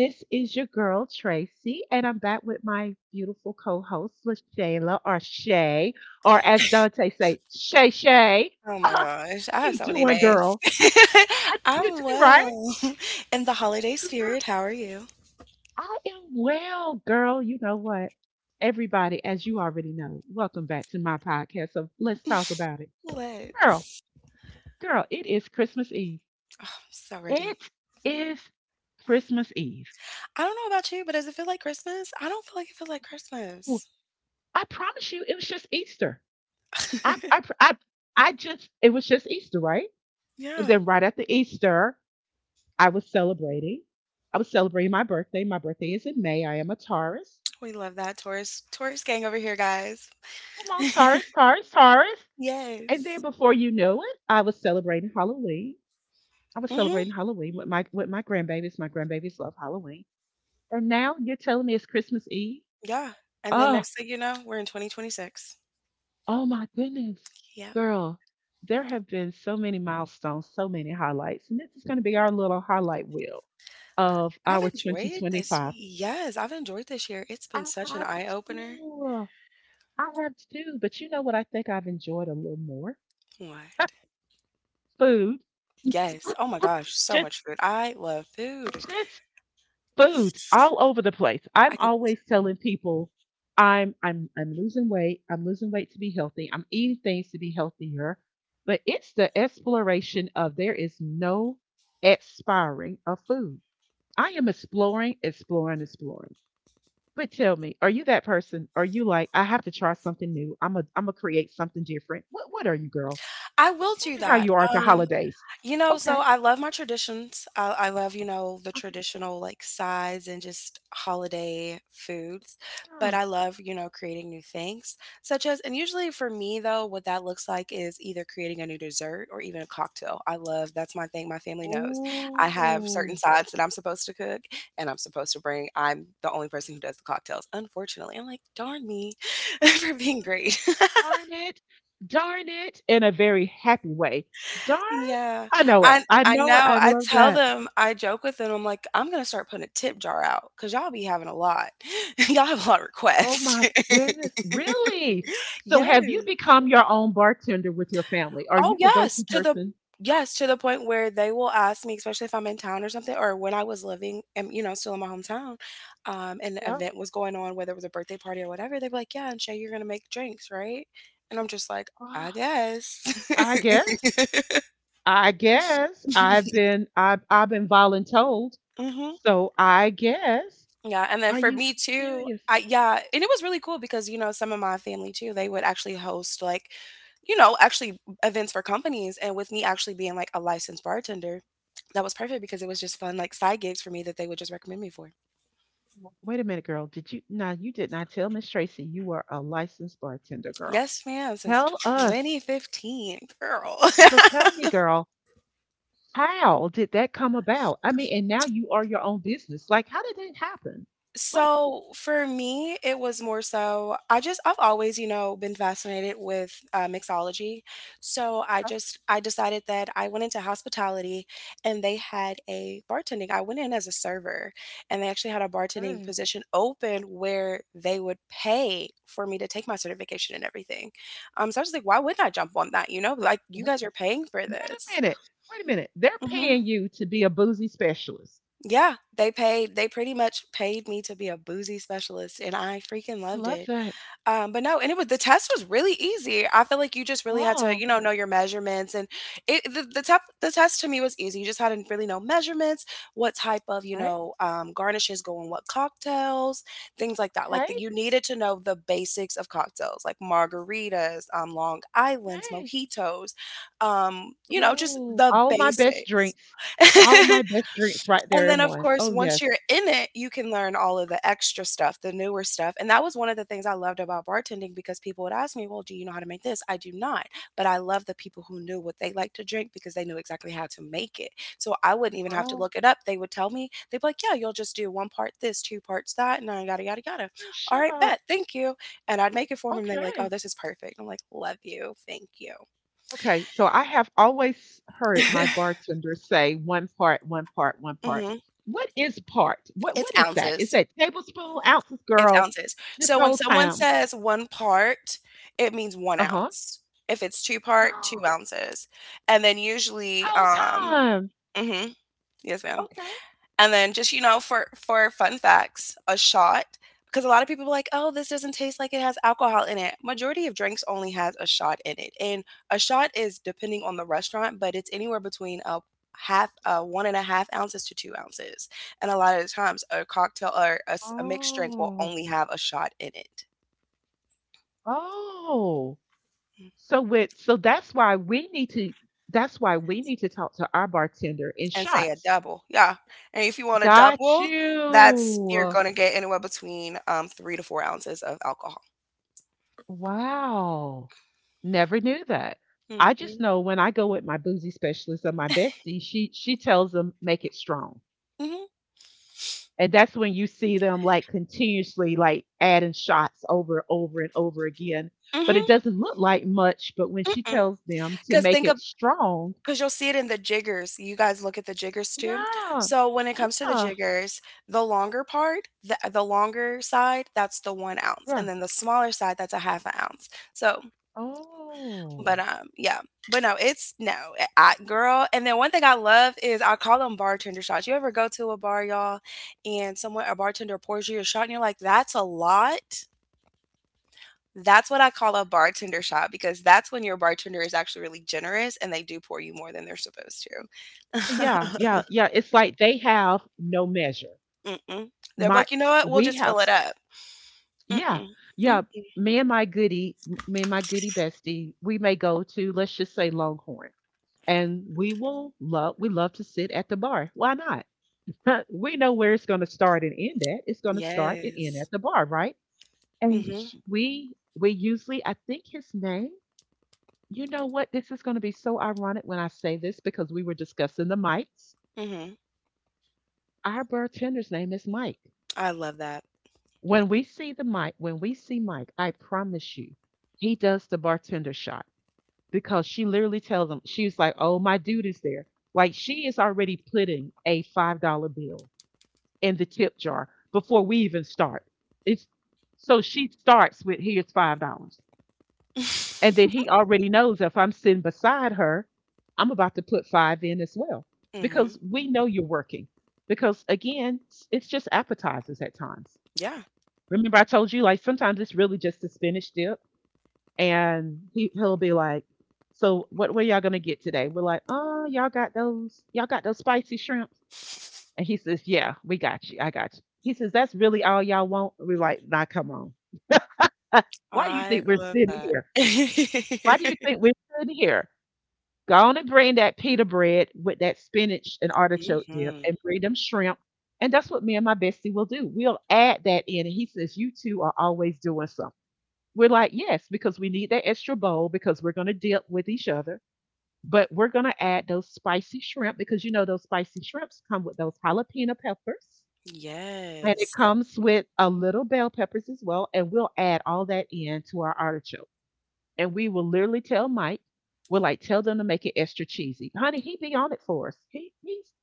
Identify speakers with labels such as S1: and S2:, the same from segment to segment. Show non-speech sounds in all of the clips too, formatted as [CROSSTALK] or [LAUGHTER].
S1: This is your girl, Tracy, and I'm back with my beautiful co host, LaShayla, or Shay, or as Dante say, Shay Shay.
S2: Oh
S1: [LAUGHS]
S2: my
S1: How
S2: gosh, I have
S1: you
S2: so many
S1: doing,
S2: days.
S1: girl? I-
S2: [LAUGHS]
S1: You
S2: I'm
S1: doing right?
S2: well. [LAUGHS] In the holiday
S1: Girl,
S2: spirit, how are you?
S1: I am well, girl. You know what? Everybody, as you already know, welcome back to my podcast. So let's talk about it.
S2: [LAUGHS]
S1: Girl,
S2: Let's.
S1: girl, it is Christmas Eve.
S2: I'm so ready.
S1: It is Christmas Eve.
S2: I don't know about you, but does it feel like Christmas? I don't feel like it feels like Christmas.
S1: I promise you, it was just Easter. I,
S2: [LAUGHS]
S1: I, I, I just, it was just Easter, right? And
S2: Yeah,
S1: then right after Easter, I was celebrating. I was celebrating my birthday. My birthday is in May. I am a Taurus.
S2: we love that Taurus Taurus gang over here, guys.
S1: I'm all Taurus, Taurus, Taurus. And then
S2: Yes.
S1: before you know it, I was celebrating Halloween. I was
S2: Mhm.
S1: celebrating Halloween with my grandbabies. My grandbabies love Halloween. And now you're telling me it's Christmas Eve.
S2: Yeah. And then
S1: Oh,
S2: next thing you know, we're in 2026.
S1: Oh my goodness,
S2: Yeah.
S1: girl, there have been so many milestones, so many highlights, and this is going to be our little highlight wheel of
S2: I've
S1: our
S2: enjoyed this.
S1: 2025.
S2: Yes, I've enjoyed this year. It's
S1: I
S2: been such an
S1: have
S2: eye opener.
S1: two. I have two, but you know what I think I've enjoyed a little more?
S2: What?
S1: Food. [LAUGHS]
S2: Yes. Oh my gosh, so
S1: Just
S2: much food. I love food.
S1: just foods all over the place.
S2: I
S1: I'm
S2: could
S1: always telling people I'm losing weight. I'm losing weight to be healthy. I'm eating things to be healthier. But it's the exploration of there is no expiring of food. I am exploring, exploring, exploring. But tell me, are you that person? Are you like, I have to try something new? I'm gonna create something different. What are you, girl?
S2: I will
S1: Tell
S2: do
S1: me how
S2: that.
S1: you are at the holidays.
S2: You know,
S1: Okay.
S2: so I love my traditions. I love, you know, the
S1: Okay.
S2: traditional like sides and just holiday foods. But I love, you know, creating new things, such as, and usually for me though, what that looks like is either creating a new dessert or even a cocktail. I love, that's my thing. My family knows. I have certain
S1: Oh.
S2: sides that I'm supposed to cook and I'm supposed to bring. I'm the only person who does the cocktails, unfortunately. I'm like, darn me [LAUGHS] for being great.
S1: Darn it, darn it, in a very happy way. Darn,
S2: Yeah,
S1: I know it.
S2: I
S1: I
S2: I
S1: know it.
S2: know,
S1: I
S2: I
S1: love
S2: tell
S1: that.
S2: them I joke with them, I'm like, "I'm gonna start putting a tip jar out because 'cause y'all be having a lot. [LAUGHS] Y'all have a lot of
S1: Oh
S2: requests."
S1: my goodness,
S2: [LAUGHS]
S1: really? So have you
S2: Yes.
S1: become your own bartender with your family? Are
S2: Oh,
S1: you the go-to person? Oh,
S2: yes, to the point where they will ask me, especially if I'm in town or something or when I was living and, you know, still in my hometown, and an
S1: yeah.
S2: event was going on, whether it was a birthday party or whatever, they'd be like, "Yeah, and Shay, you're gonna make drinks, right?" And I'm just like, "I
S1: Oh,
S2: guess."
S1: I guess.
S2: [LAUGHS]
S1: I guess I've
S2: [LAUGHS]
S1: been I've I've been voluntold.
S2: Mhm.
S1: So I guess.
S2: Yeah, and then
S1: Are
S2: for
S1: you
S2: me too,
S1: serious?
S2: I yeah, and it was really cool because you know some of my family too, they would actually host like you know actually events for companies, and with me actually being like a licensed bartender, that was perfect because it was just fun like side gigs for me that they would just recommend me for.
S1: Wait a minute, girl. Did you? Now you did not tell Miss Tracy you were a licensed bartender, girl.
S2: Yes, ma'am, since
S1: Tell us.
S2: 2015, girl. [LAUGHS]
S1: So tell me, girl, how did that come about? I mean, and now you are your own business. Like, how did that happen? Like,
S2: So for me, it was more so I've always, you know, been fascinated with mixology. So I decided that I went into hospitality and they had a bartending. I went in as a server and they actually had a bartending
S1: okay,
S2: position open where they would pay for me to take my certification and everything. So I was like, why wouldn't I jump on that? You know, like you
S1: w-
S2: guys are paying for
S1: wait a
S2: this.
S1: minute, They're
S2: Hmm.
S1: paying you to be a boozy specialist.
S2: Yeah, they paid. They pretty much paid me to be a boozy specialist, and I freaking
S1: I
S2: loved
S1: love
S2: it.
S1: that.
S2: But no, and it was the test was really easy. I feel like you just really had to,
S1: Oh,
S2: you know your measurements and it the, tep- the test to me was easy. You just had to really know measurements, what type of, you
S1: right.
S2: know, garnishes go in what cocktails, things like that. Like
S1: Okay.
S2: you needed to know the basics of cocktails, like margaritas, Long Islands,
S1: Okay.
S2: mojitos, you know, just
S1: Ooh,
S2: the
S1: all my best
S2: basics.
S1: drinks. All
S2: [LAUGHS]
S1: my best drinks right
S2: And
S1: there
S2: then,
S1: in
S2: of
S1: one.
S2: course,
S1: Oh,
S2: once
S1: yes.
S2: you're in it, you can learn all of the extra stuff, the newer stuff. And that was one of the things I loved about bartending because people would ask me, well, do you know how to make this? I do not. But I love the people who knew what they liked to drink because they knew exactly how to make it. So I wouldn't even have to
S1: Wow.
S2: look it up. They'd be like, yeah, you'll just do one part this, two parts that, and then yada, yada, yada.
S1: Girl,
S2: All
S1: shut
S2: right,
S1: up.
S2: bet. Thank you. And I'd make it for them. And they're like, oh,
S1: Okay.
S2: this is perfect. I'm like, love you. Thank you.
S1: Okay, so I have always heard my
S2: [LAUGHS]
S1: bartender say one part.
S2: hmm
S1: What is part? What
S2: It's
S1: what is that? Is
S2: ounces.
S1: that tablespoon, ounces,
S2: It's
S1: girl?
S2: ounces.
S1: This
S2: So when
S1: whole
S2: someone
S1: time.
S2: says one part, it means one
S1: Uh-huh.
S2: ounce. If it's two part, two
S1: [GASPS]
S2: ounces. And then usually,
S1: Whole time.
S2: mhm, yes, ma'am.
S1: Okay.
S2: And then just, you know, for fun facts, a shot because a lot of people are like, "Oh, this doesn't taste like it has alcohol in it." Majority of drinks only has a shot in it. And a shot is depending on the restaurant, but it's anywhere between a half 1.5 ounces to 2 ounces, and a lot of the times a cocktail or a mixed drink will
S1: Oh.
S2: only have a shot in it.
S1: Oh.
S2: Mm.
S1: So that's why we need to talk to our bartender in
S2: And say a
S1: shots.
S2: double, yeah, and if you want a
S1: Got
S2: double, that's you're
S1: you.
S2: going to get anywhere between 3 to 4 ounces of alcohol.
S1: Wow. Never knew that. I just
S2: Hmm.
S1: know when I go with my boozy specialist or my bestie, she tells them make it strong.
S2: Hmm.
S1: And that's when you see them like continuously like adding shots over and over again. But it
S2: Hmm.
S1: doesn't look like much, but when she tells them to
S2: 'Cause
S1: make
S2: think of,
S1: it strong,
S2: because 'cause you'll see it in the jiggers. You guys look at the jiggers too?
S1: yeah.
S2: So when it comes to the
S1: Yeah.
S2: jiggers, the longer part, the longer side, that's the 1 ounce,
S1: Yeah.
S2: and then the smaller side, that's a half an ounce. So, but,
S1: Oh.
S2: yeah. But no, it's no, eh, I girl, and then one thing I love is I call them bartender shots. You ever go to a bar, y'all, and someone a bartender pours you a shot and you're like, "That's a lot?" That's what I call a bartender shot because that's when your bartender is actually really generous and they do pour you more than they're supposed
S1: Oh,
S2: to.
S1: yeah, yeah, yeah. It's like they have no measure.
S2: [LAUGHS] Mm-mm. They're
S1: My
S2: like, "You know what? We'll
S1: we
S2: just fill
S1: have
S2: it up."
S1: Yeah,
S2: Mm-mm.
S1: yeah.
S2: Mm-mm.
S1: Me and my goody, Me and my goody bestie, we may go to let's just say Longhorn, and we love to sit at the bar. Why not? [LAUGHS] We know where it's going to start and end at. It's going to start and end at
S2: Yes.
S1: the bar, right? And
S2: Mhm.
S1: we usually, I think his name. You know what? This is going to be so ironic when I say this because we were discussing the mics.
S2: Mhm.
S1: Our bartender's name is Mike.
S2: I love that.
S1: When we see the mic, when we see Mike, I promise you, he does the bartender shot because she literally tells him, she was like, oh, my dude is there. Like she is already putting a $5 bill in the tip jar before we even start. It's so she starts with here's $5. And then
S2: [LAUGHS]
S1: he already knows if I'm sitting beside her, I'm about to put five in as well.
S2: Mhm.
S1: Because we know you're working. Because again, it's just appetizers at times.
S2: Yeah.
S1: Remember I told you like sometimes it's really just a spinach dip and he'll be like, "So what were y'all gonna get today?" We're like, "Oh, y'all got those spicy shrimp." And he says, "Yeah, we got you. I got you." He says, "That's really all y'all want." We're like, "Nah, come on. Why do you
S2: I
S1: think we're
S2: love
S1: sitting
S2: that.
S1: here? Why do you
S2: [LAUGHS]
S1: think we're sitting here? Go on and bring that pita bread with that spinach and artichoke dip,
S2: Mhm.
S1: and bring them shrimp." And that's what me and my bestie will do. We'll add that in. And he says, "You two are always doing something." We're like, "Yes," because we need that extra bowl because we're gonna dip with each other. But we're going to add those spicy shrimp because you know those spicy shrimps come with those jalapeno peppers and it
S2: Yes.
S1: comes with a little bell peppers as well. And we'll add all that in to our artichoke. And we will literally tell Mike, we're like, tell them to make it extra cheesy. Honey, he be on it for us. He, he's,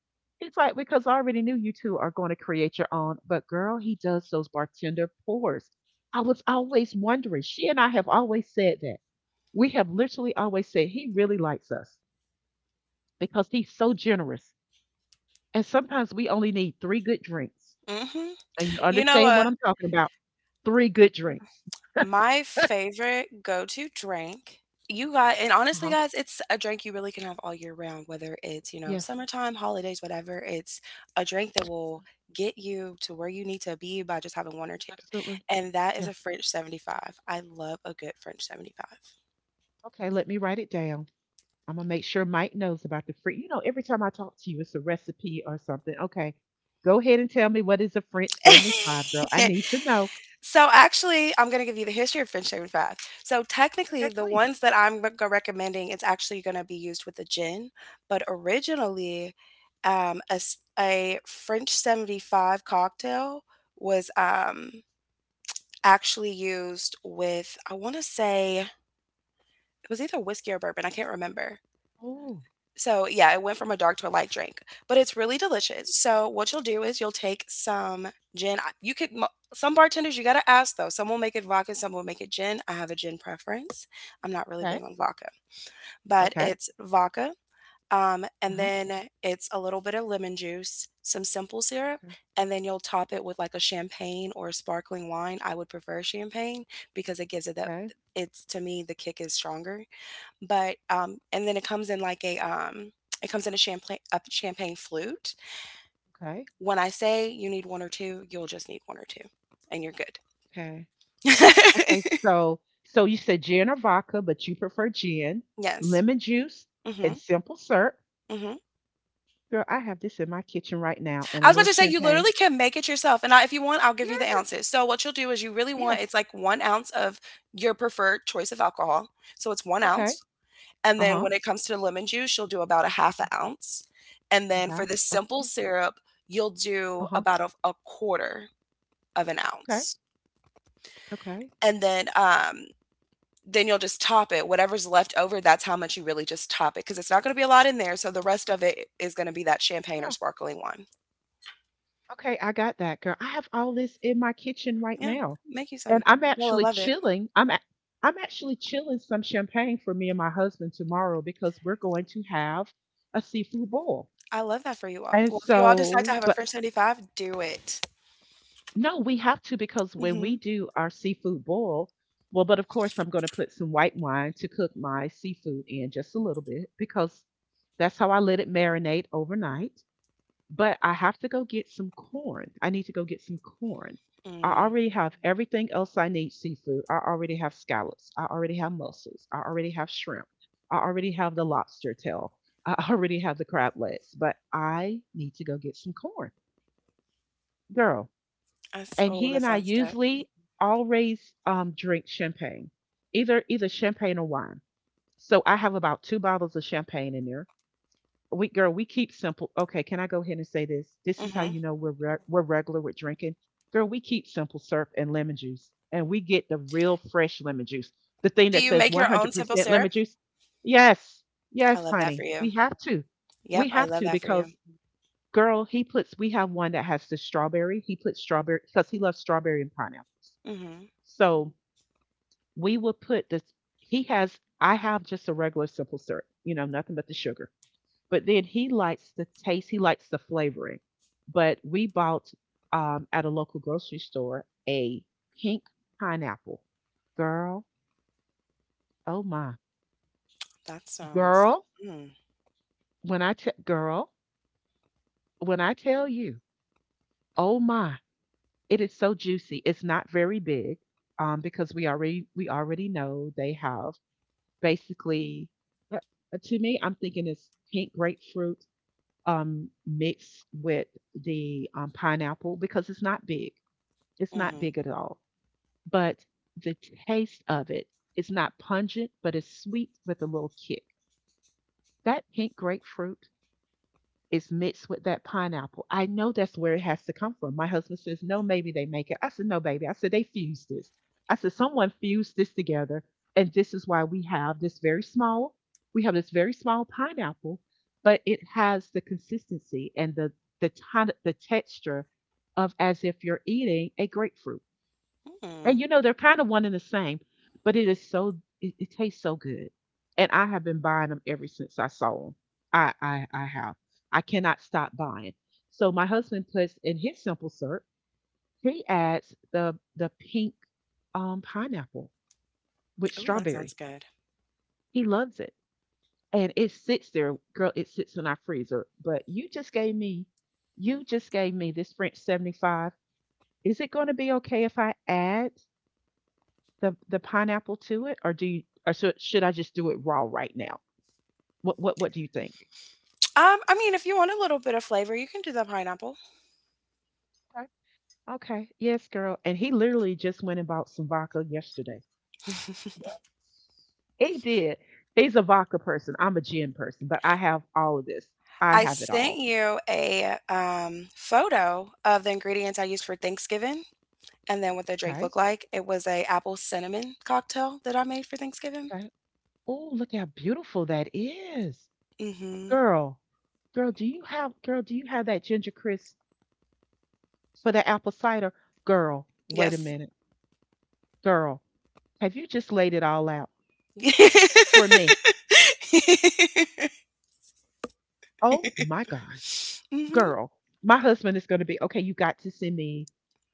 S1: it's like, because I already knew you two are going to create your own. But girl, he does those bartender pours. I was always wondering. She and I have always said that. We have literally always said he really likes us because he's so generous. And sometimes we only need 3 good drinks.
S2: Mhm.
S1: And you
S2: You know,
S1: understand
S2: uh
S1: what I'm talking about? 3 good drinks.
S2: My favorite go-to drink, you got and honestly,
S1: Uh-huh.
S2: guys, it's a drink you really can have all year round, whether it's, you know,
S1: Yes,
S2: summertime, holidays, whatever. It's a drink that will get you to where you need to be by just having one or two.
S1: absolutely.
S2: And that is a
S1: Yes.
S2: French 75. I love a good French
S1: Okay, let me write it down. I'm gonna make sure Mike knows about the French. You know, every time I talk to you, it's a recipe or something. Okay, go ahead and tell me what is a French 75, girl. I
S2: 75. [LAUGHS]
S1: need to know.
S2: So actually, I'm gonna give you the history of French shaved bath. So
S1: Okay,
S2: technically, the
S1: please.
S2: ones that I'm recommending is actually gonna be used with the gin, but originally, a French 75 cocktail was actually used with, I wanna say, it was either whiskey or bourbon, I can't remember.
S1: Oh,
S2: So, yeah, it went from a dark to a light drink, but it's really delicious. So, what you'll do is you'll take some gin. You could, some bartenders, you got to ask though. Some will make it vodka, some will make it gin. I have a gin preference. I'm not really
S1: okay,
S2: big on vodka, but
S1: okay.
S2: it's vodka.
S1: Uh
S2: And
S1: huh.
S2: then it's a little bit of lemon juice, some simple syrup,
S1: Okay,
S2: and then you'll top it with like a champagne or a sparkling wine. I would prefer champagne because it gives it that,
S1: okay,
S2: it's to me, the kick is stronger. But, and then it comes in a champagne flute.
S1: okay,
S2: When I say you need 1 or 2, you'll just need 1 or 2, and you're good.
S1: okay. Okay,
S2: [LAUGHS]
S1: so you said gin or vodka, but you prefer gin,
S2: Yes.
S1: lemon juice, and
S2: Mhm,
S1: simple syrup.
S2: mhm.
S1: Girl, I have this in my kitchen right now, and
S2: I
S1: a
S2: was about
S1: little
S2: to say you
S1: champagne.
S2: literally can make it yourself, and I if you want, I'll give you the
S1: Yes,
S2: ounces. So what you'll do is you really want
S1: yes.
S2: it's like 1 ounce of your preferred choice of alcohol, so it's 1
S1: Okay.
S2: ounce, and
S1: Uh
S2: then
S1: huh.
S2: when it comes to lemon juice, you'll do about a half 2 ounce, and then
S1: Okay.
S2: for the simple
S1: Okay.
S2: syrup, you'll
S1: Uh
S2: do
S1: huh.
S2: about a quarter of an
S1: Okay.
S2: ounce.
S1: Okay.
S2: And then then you'll just top it, whatever's left over. That's how much you really just top it because it's not going to be a lot in there, so the rest of it is going to be that champagne or
S1: Yeah.
S2: sparkling wine.
S1: Okay. I got that, girl. I have all this in my kitchen right
S2: Yeah,
S1: now,
S2: make you
S1: and
S2: some.
S1: I'm
S2: You'll
S1: actually
S2: love it.
S1: chilling. I am actually chilling some champagne for me and my husband tomorrow because we're going to have a seafood boil.
S2: I love that for you all.
S1: And
S2: Well, if you all decide to
S1: so,
S2: have a
S1: but
S2: French 75, do it.
S1: No, we have to because when
S2: Mm-hmm.
S1: we do our seafood boil, well, but of course I'm going to put some white wine to cook my seafood in just a little bit because that's how I let it marinate overnight. But I have to go get some corn. I need to go get some corn. I
S2: Mm,
S1: already have everything else I need seafood. I already have scallops. I already have mussels. I already have shrimp. I already have the lobster tail. [LAUGHS] I already have the crab legs, but I need to go get some corn. Girl,
S2: that's,
S1: and
S2: oh,
S1: he
S2: that
S1: and I
S2: sounds good.
S1: usually always drink champagne, either champagne or wine. So I have about two bottles of champagne in there. We girl, we keep simple. Okay, can I go ahead and say this? This is how
S2: Mm-hmm.
S1: you know we're regular with drinking. Girl, we keep simple syrup and lemon juice, and we get the real fresh lemon juice, the thing
S2: Do
S1: that
S2: you
S1: says
S2: make your own simple
S1: 100% lemon
S2: syrup?
S1: juice. Yes,
S2: I
S1: yes,
S2: love that for
S1: honey,
S2: you. Yep,
S1: we
S2: I
S1: have
S2: love
S1: to
S2: that for you.
S1: because Girl, he puts we have one that has the strawberry. He puts strawberry because he loves strawberry and pineapples.
S2: Mm-hmm.
S1: So we will put this he has I have just a regular simple syrup, you know, nothing but the sugar. But then he likes the taste, he likes the flavoring. But we bought at a local grocery store a pink pineapple. Girl, oh my.
S2: That sounds,
S1: Girl,
S2: mm,
S1: when I t- girl, when I tell you, oh my. It is so juicy. It's not very big, because we already know they have basically. uh, To me, I'm thinking it's pink grapefruit mixed with the pineapple because it's not big. It's not
S2: mm-hmm,
S1: big at all, but the taste of it is not pungent, but it's sweet with a little kick. That pink grapefruit It's mixed with that pineapple. I know that's where it has to come from. My husband says, no, maybe they make it. I said, no, baby. I said, they fused this. I said, someone fused this together. And this is why we have this very small pineapple, but it has the consistency and the texture of as if you're eating a grapefruit.
S2: mm.
S1: And you know, they're kind of one and the same, but it tastes so good. And I have been buying them ever since I saw them. I have. I cannot stop buying. So my husband puts in his simple syrup, he adds the pink pineapple with
S2: Oh, that
S1: strawberry.
S2: sounds good.
S1: He loves it. And it sits there, girl, it sits in our freezer. But you just gave me this French 75. Is it going to be okay if I add the pineapple to it, or do you, or should I just do it raw right now? What do you think?
S2: I mean, if you want a little bit of flavor, you can do the pineapple.
S1: Okay. Okay, yes, girl. And he literally just went and bought some vodka yesterday. He did. He's a vodka person. I'm a gin person, but I have all of this. I
S2: I
S1: have it
S2: sent
S1: all.
S2: you a photo of the ingredients I used for Thanksgiving and then what the drink
S1: Okay.
S2: looked like. It was a apple cinnamon cocktail that I made for Thanksgiving.
S1: Okay. Oh, look how beautiful that is.
S2: Mm-hmm.
S1: Girl, do you have that ginger crisp for the apple cider? Girl, wait a
S2: Yes.
S1: minute. Girl, have you just laid it all out for me?
S2: [LAUGHS]
S1: Oh my God.
S2: Hmm.
S1: Girl, my husband is going to be, okay, you got to send me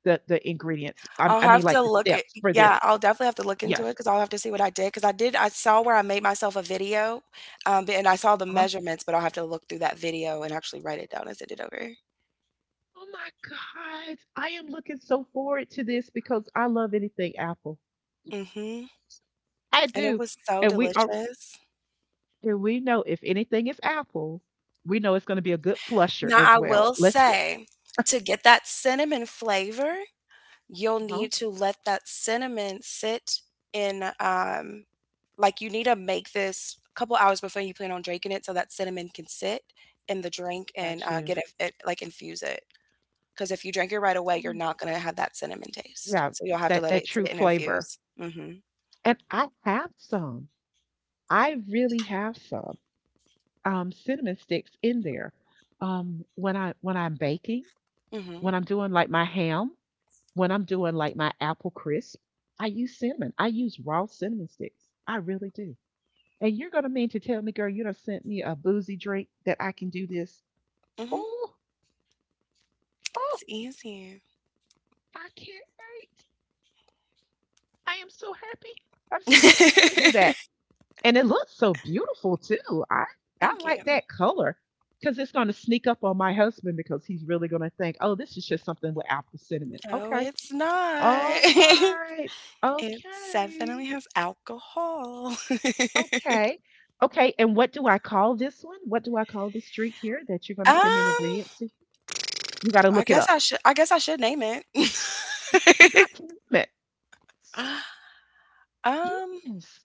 S1: the ingredients. I,
S2: I'll
S1: I mean,
S2: have to
S1: like the
S2: look at,
S1: steps for
S2: Yeah,
S1: this.
S2: I'll definitely have to look into it
S1: Yes.
S2: because I'll have to see what I did. I saw where I made myself a video, and I saw the
S1: Uh-huh.
S2: measurements, but I'll have to look through that video and actually write it down and send it over.
S1: Oh my God. I am looking so forward to this because I love anything Apple.
S2: Hmm.
S1: I
S2: And it
S1: do.
S2: was so
S1: And we are,
S2: delicious.
S1: and we know if anything is Apple, we know it's going to be a good flusher
S2: Now,
S1: as
S2: I
S1: well.
S2: will
S1: Let's just,
S2: say, to get that cinnamon flavor, you'll
S1: huh?
S2: need to let that cinnamon sit in, like you need to make this a couple hours before you plan on drinking it so that cinnamon can sit in the drink and
S1: Got you.
S2: get like infuse it. Because if you drink it right away,
S1: Oh
S2: you're
S1: my God.
S2: not going to have that cinnamon taste.
S1: Yeah,
S2: So you'll have to
S1: that,
S2: let
S1: that
S2: it
S1: true
S2: sit and
S1: flavor.
S2: infuse.
S1: And I have some. I really have some. Cinnamon sticks in there. When I'm baking,
S2: Hmm
S1: when I'm doing like my ham, when I'm doing like my apple crisp, I use cinnamon. I use raw cinnamon sticks. I really do. And you're gonna mean to tell me, girl, you done sent me a boozy drink that I can do this?
S2: hmm
S1: Oh, oh,
S2: It's easy.
S1: I can't wait! I am so happy. I'm
S2: [LAUGHS]
S1: so happy you sent me
S2: Thank
S1: that. And it looks so beautiful too. I like
S2: you.
S1: that color because it's going to sneak up on my husband because he's really going to think, oh, this is just something with apple cinnamon.
S2: No,
S1: Okay.
S2: it's not.
S1: All
S2: [LAUGHS]
S1: right.
S2: It
S1: Okay.
S2: definitely has alcohol. [LAUGHS]
S1: Okay. Okay. And what do I call this one? What do I call this drink here that you're going to send me the
S2: Um,
S1: ingredients to? You got to
S2: I
S1: look it
S2: guess
S1: up.
S2: I should I guess I should name it.
S1: Yes, you
S2: [LAUGHS]
S1: got to name it. Yes.
S2: Um,
S1: Yes.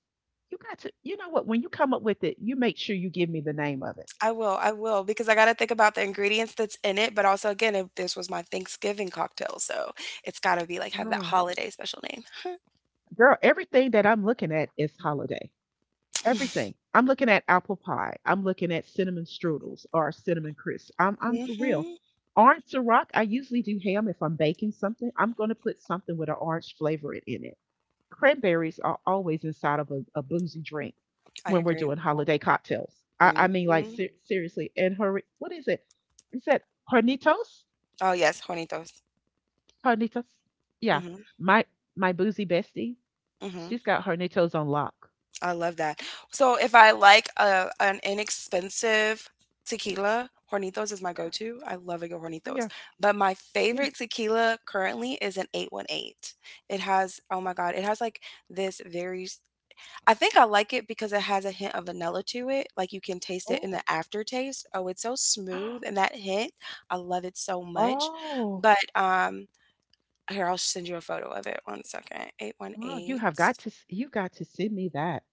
S1: You got to, you know what? When you come up with it, you make sure you give me the name of it.
S2: I will, because I gotta think about the ingredients that's in it, but also again, if this was my Thanksgiving cocktail, so it's gotta be like have that
S1: Girl,
S2: holiday special name.
S1: girl, everything that I'm looking at is holiday. Everything. I'm looking at apple pie. I'm looking at cinnamon strudels or cinnamon crisps. I'm for real.
S2: Mhm.
S1: Orange Ciroc, I usually do ham if I'm baking something. I'm going to put something with an orange flavor in it. Cranberries are always inside of a boozy drink
S2: I
S1: when we're
S2: agree.
S1: doing holiday cocktails. I mean, like
S2: Mhm.
S1: seriously. And her, what is it? Is that Hornitos?
S2: Oh yes, Hornitos.
S1: Hornitos? Yeah,
S2: Mhm.
S1: my my boozy bestie.
S2: Mhm.
S1: She's got Hornitos on lock.
S2: I love that. So if I like a an inexpensive tequila, Hornitos is my
S1: Yeah,
S2: go-to. I love a good
S1: oh,
S2: Hornitos.
S1: yeah,
S2: But my
S1: yeah.
S2: favorite tequila currently is an 818. It has, oh my God, it has like this very, I think I like it because it has a hint of vanilla to it. Like you can taste it in the
S1: Oh,
S2: aftertaste. Oh, it's so smooth.
S1: [GASPS]
S2: And that hint, I love it so much.
S1: Oh,
S2: But here, I'll send you a photo of it. One second.
S1: girl, you
S2: 818.
S1: have got to you got to send me that.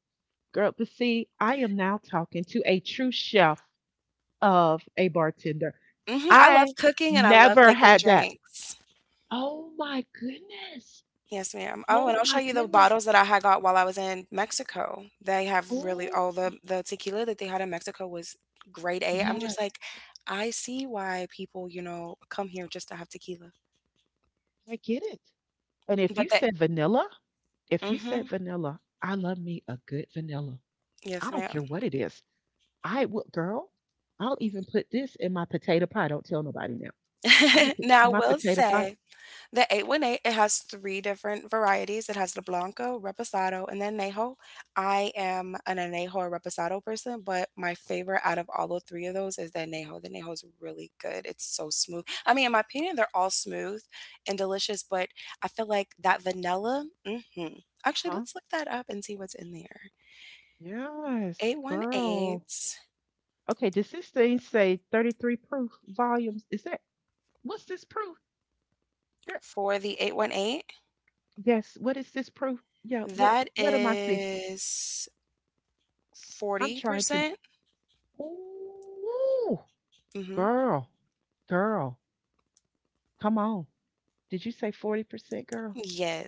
S1: Girl, but see, I am now talking to a true chef of a bartender.
S2: Mhm, I love
S1: I
S2: cooking and I love
S1: never
S2: making
S1: had that.
S2: drinks.
S1: Oh my goodness.
S2: Yes, ma'am. Oh, and
S1: Oh
S2: I'll show
S1: my
S2: you the
S1: goodness.
S2: bottles that I had got while I was in Mexico. They have really
S1: Oh,
S2: all the tequila that they had in Mexico was grade A. I'm
S1: yes,
S2: just like, I see why people, you know, come here just to have tequila.
S1: I get it. And if
S2: But
S1: you
S2: they
S1: said vanilla, if you said
S2: mhm.
S1: vanilla, I love me a good vanilla.
S2: Yes,
S1: I don't
S2: ma'am.
S1: care what it is. I will, girl, I'll even put this in my potato pie. Don't tell nobody now. I will
S2: [LAUGHS]
S1: put this
S2: Now
S1: in
S2: I
S1: my
S2: will
S1: potato pie.
S2: say the 818, it has three different varieties. It has the Blanco, Reposado, and then Añejo. I am an Añejo or Reposado person, but my favorite out of all the three of those is the Añejo. The Añejo is really good. It's so smooth. I mean, in my opinion, they're all smooth and delicious, but I feel like that vanilla, hmm. Actually,
S1: Uh-huh.
S2: let's look that up and see what's in there.
S1: Yes,
S2: 818
S1: girl. Okay, does this thing say 33 proof volumes? Is that what's this proof? There,
S2: for the 818,
S1: yes, what is this proof? Yeah, what
S2: that
S1: what am I seeing?
S2: is
S1: I'm trying to
S2: 40%. Percent
S1: ooh,
S2: hmm.
S1: girl, girl, come on. Did you say 40%, girl?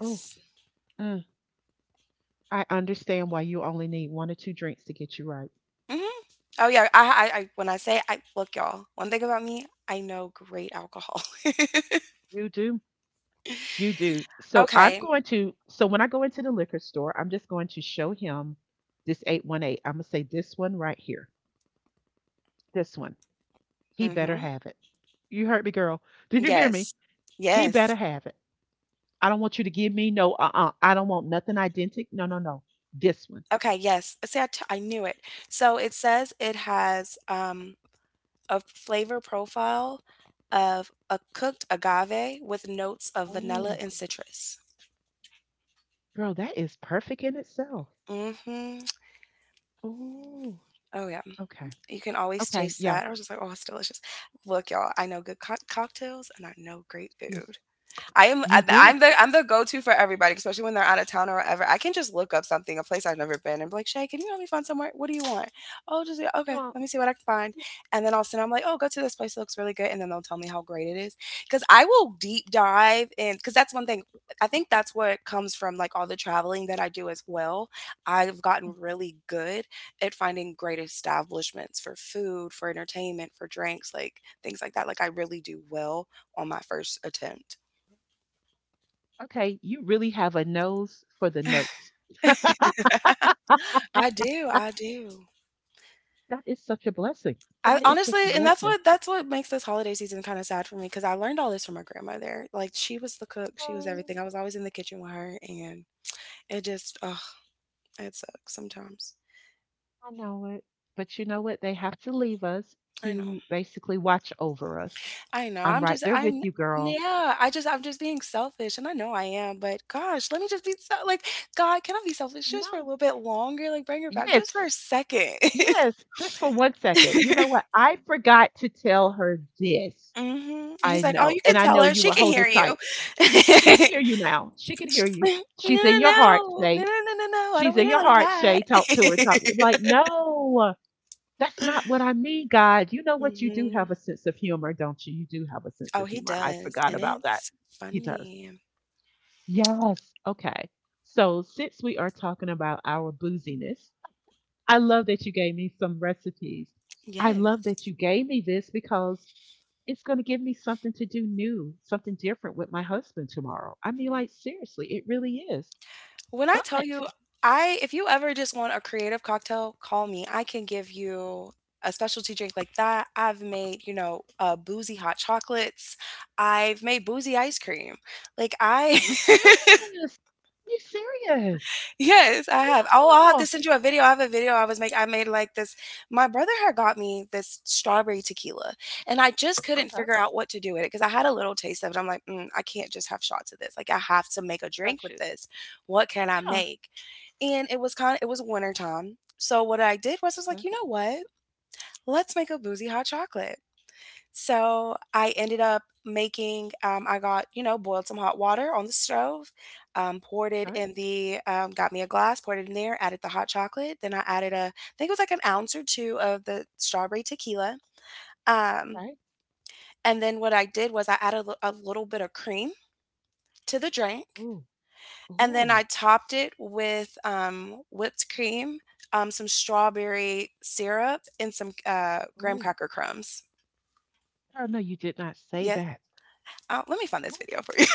S1: Oh, mm, I understand why you only need one or two drinks to get you right.
S2: hmm. Oh yeah, I when I say I look, y'all, one thing about me, I know great alcohol. [LAUGHS]
S1: You do. You do. So I'm
S2: Okay.
S1: going to, so when I go into the liquor store, I'm just going to show him this 818. I'm going to say this one right here. This one. He better
S2: Mm-hmm.
S1: have it. You heard me, girl. Did you hear me?
S2: Yes.
S1: He better
S2: Yes.
S1: have it. I don't want you to give me no, I don't want nothing identical. No, no, no. This one.
S2: Okay, yes. See, I knew it. So it says it has a flavor profile of a cooked agave with notes of vanilla
S1: Oh,
S2: and citrus.
S1: girl, that is perfect in itself.
S2: Mm-hmm.
S1: Oh,
S2: Oh yeah,
S1: okay.
S2: you can always
S1: Okay.
S2: taste
S1: Yeah.
S2: that. I was just like, oh, it's delicious. Look, y'all, I know good cocktails and I know great
S1: Yes.
S2: food. I am
S1: You
S2: I
S1: do.
S2: I'm the go-to for everybody, especially when they're out of town or whatever. I can just look up something, a place I've never been, and be like, Shay, can you help me find somewhere? What do you want? Oh, just yeah,
S1: You
S2: okay,
S1: want,
S2: let me see what I can find. And then all of a sudden I'm like, oh, go to this place, it looks really good. And then they'll tell me how great it is. Cause I will deep dive in because that's one thing. I think that's what comes from like all the traveling that I do as well. I've gotten really good at finding great establishments for food, for entertainment, for drinks, like things like that. Like I really do well on my first attempt.
S1: okay. You really have a nose for the notes.
S2: I do, I do.
S1: That is such a blessing.
S2: I
S1: That is such a
S2: honestly and that's
S1: blessing.
S2: what that's what makes this holiday season kinda sad for me. Because I learned all this from my grandmother. Like, she was the cook, she was
S1: Oh,
S2: everything. I was always in the kitchen with her, and it just ugh, it sucks sometimes.
S1: I know it. But you know what? They have to leave us
S2: I know.
S1: to basically watch over us.
S2: I know.
S1: I'm
S2: I'm
S1: right
S2: just
S1: there with
S2: I'm
S1: you, girl.
S2: yeah, I'm just being selfish, and I know I am, but gosh, let me just be so like, God, can I be selfish just for a
S1: No.
S2: little bit longer? Like, bring her back
S1: Yes,
S2: just for a second.
S1: yes, just for 1 second. You know
S2: [LAUGHS]
S1: what? I forgot to tell her this.
S2: Mhm. And he's
S1: I
S2: like, "Oh,
S1: know,
S2: you
S1: and
S2: can
S1: I
S2: tell
S1: know
S2: her.
S1: you
S2: She
S1: will
S2: can
S1: hold her
S2: hear you."
S1: tight. She can
S2: [LAUGHS]
S1: hear you now. She can hear you.
S2: [LAUGHS] No,
S1: She's
S2: no,
S1: in your heart,
S2: no. No, no,
S1: Shay.
S2: no, no, no. I don't
S1: She's
S2: mean
S1: in your
S2: it
S1: heart, Shay.
S2: like
S1: Talk to her. Talk. Like, no. That's
S2: that.
S1: not
S2: [LAUGHS]
S1: what I mean, God. You know what? You do
S2: Mhm.
S1: have a sense of humor, don't you? You do have a sense
S2: Oh,
S1: of
S2: he
S1: humor. I
S2: does,
S1: forgot
S2: and
S1: about that.
S2: it's
S1: He does.
S2: funny.
S1: Yes. Okay. So, since we are talking about our booziness, I love that you gave me some recipes. I love
S2: Yes.
S1: that you gave me this because it's going to give me something to do new, something different with my husband tomorrow. I mean, like, seriously, it really is.
S2: When I
S1: But
S2: tell
S1: are
S2: you, I if you ever just want a creative cocktail, call me. I can give you a specialty drink like that. I've made, you know, boozy hot chocolates. I've made boozy ice cream. Like I
S1: you
S2: [LAUGHS]
S1: serious? Are you serious?
S2: Yes, I have. Oh, I'll have
S1: No.
S2: to send you a video. I have a video I was making. I made like this. My brother had got me this strawberry tequila, and I just couldn't
S1: Okay.
S2: figure out what to do with it because I had a little taste of it. I'm like, mm, I can't just have shots of this. Like, I have to make a drink
S1: Got
S2: with
S1: you.
S2: this. What can I
S1: Yeah.
S2: make? And it was kind of, it was winter time. So what I did was, I was like,
S1: Okay.
S2: you know what? Let's make a boozy hot chocolate. So I ended up making, I got, you know, boiled some hot water on the stove, poured it
S1: Okay,
S2: in the, got me a glass, poured it in there, added the hot chocolate. Then I added a, I think it was like an ounce or two of the strawberry tequila. Um,
S1: okay.
S2: and then what I did was I added a little bit of cream to the drink.
S1: Ooh,
S2: And then
S1: ooh,
S2: I topped it with whipped cream, some strawberry syrup, and some graham
S1: ooh.
S2: cracker crumbs.
S1: Girl, no, you did not say
S2: Yeah,
S1: that.
S2: let me find this
S1: What?
S2: video for you.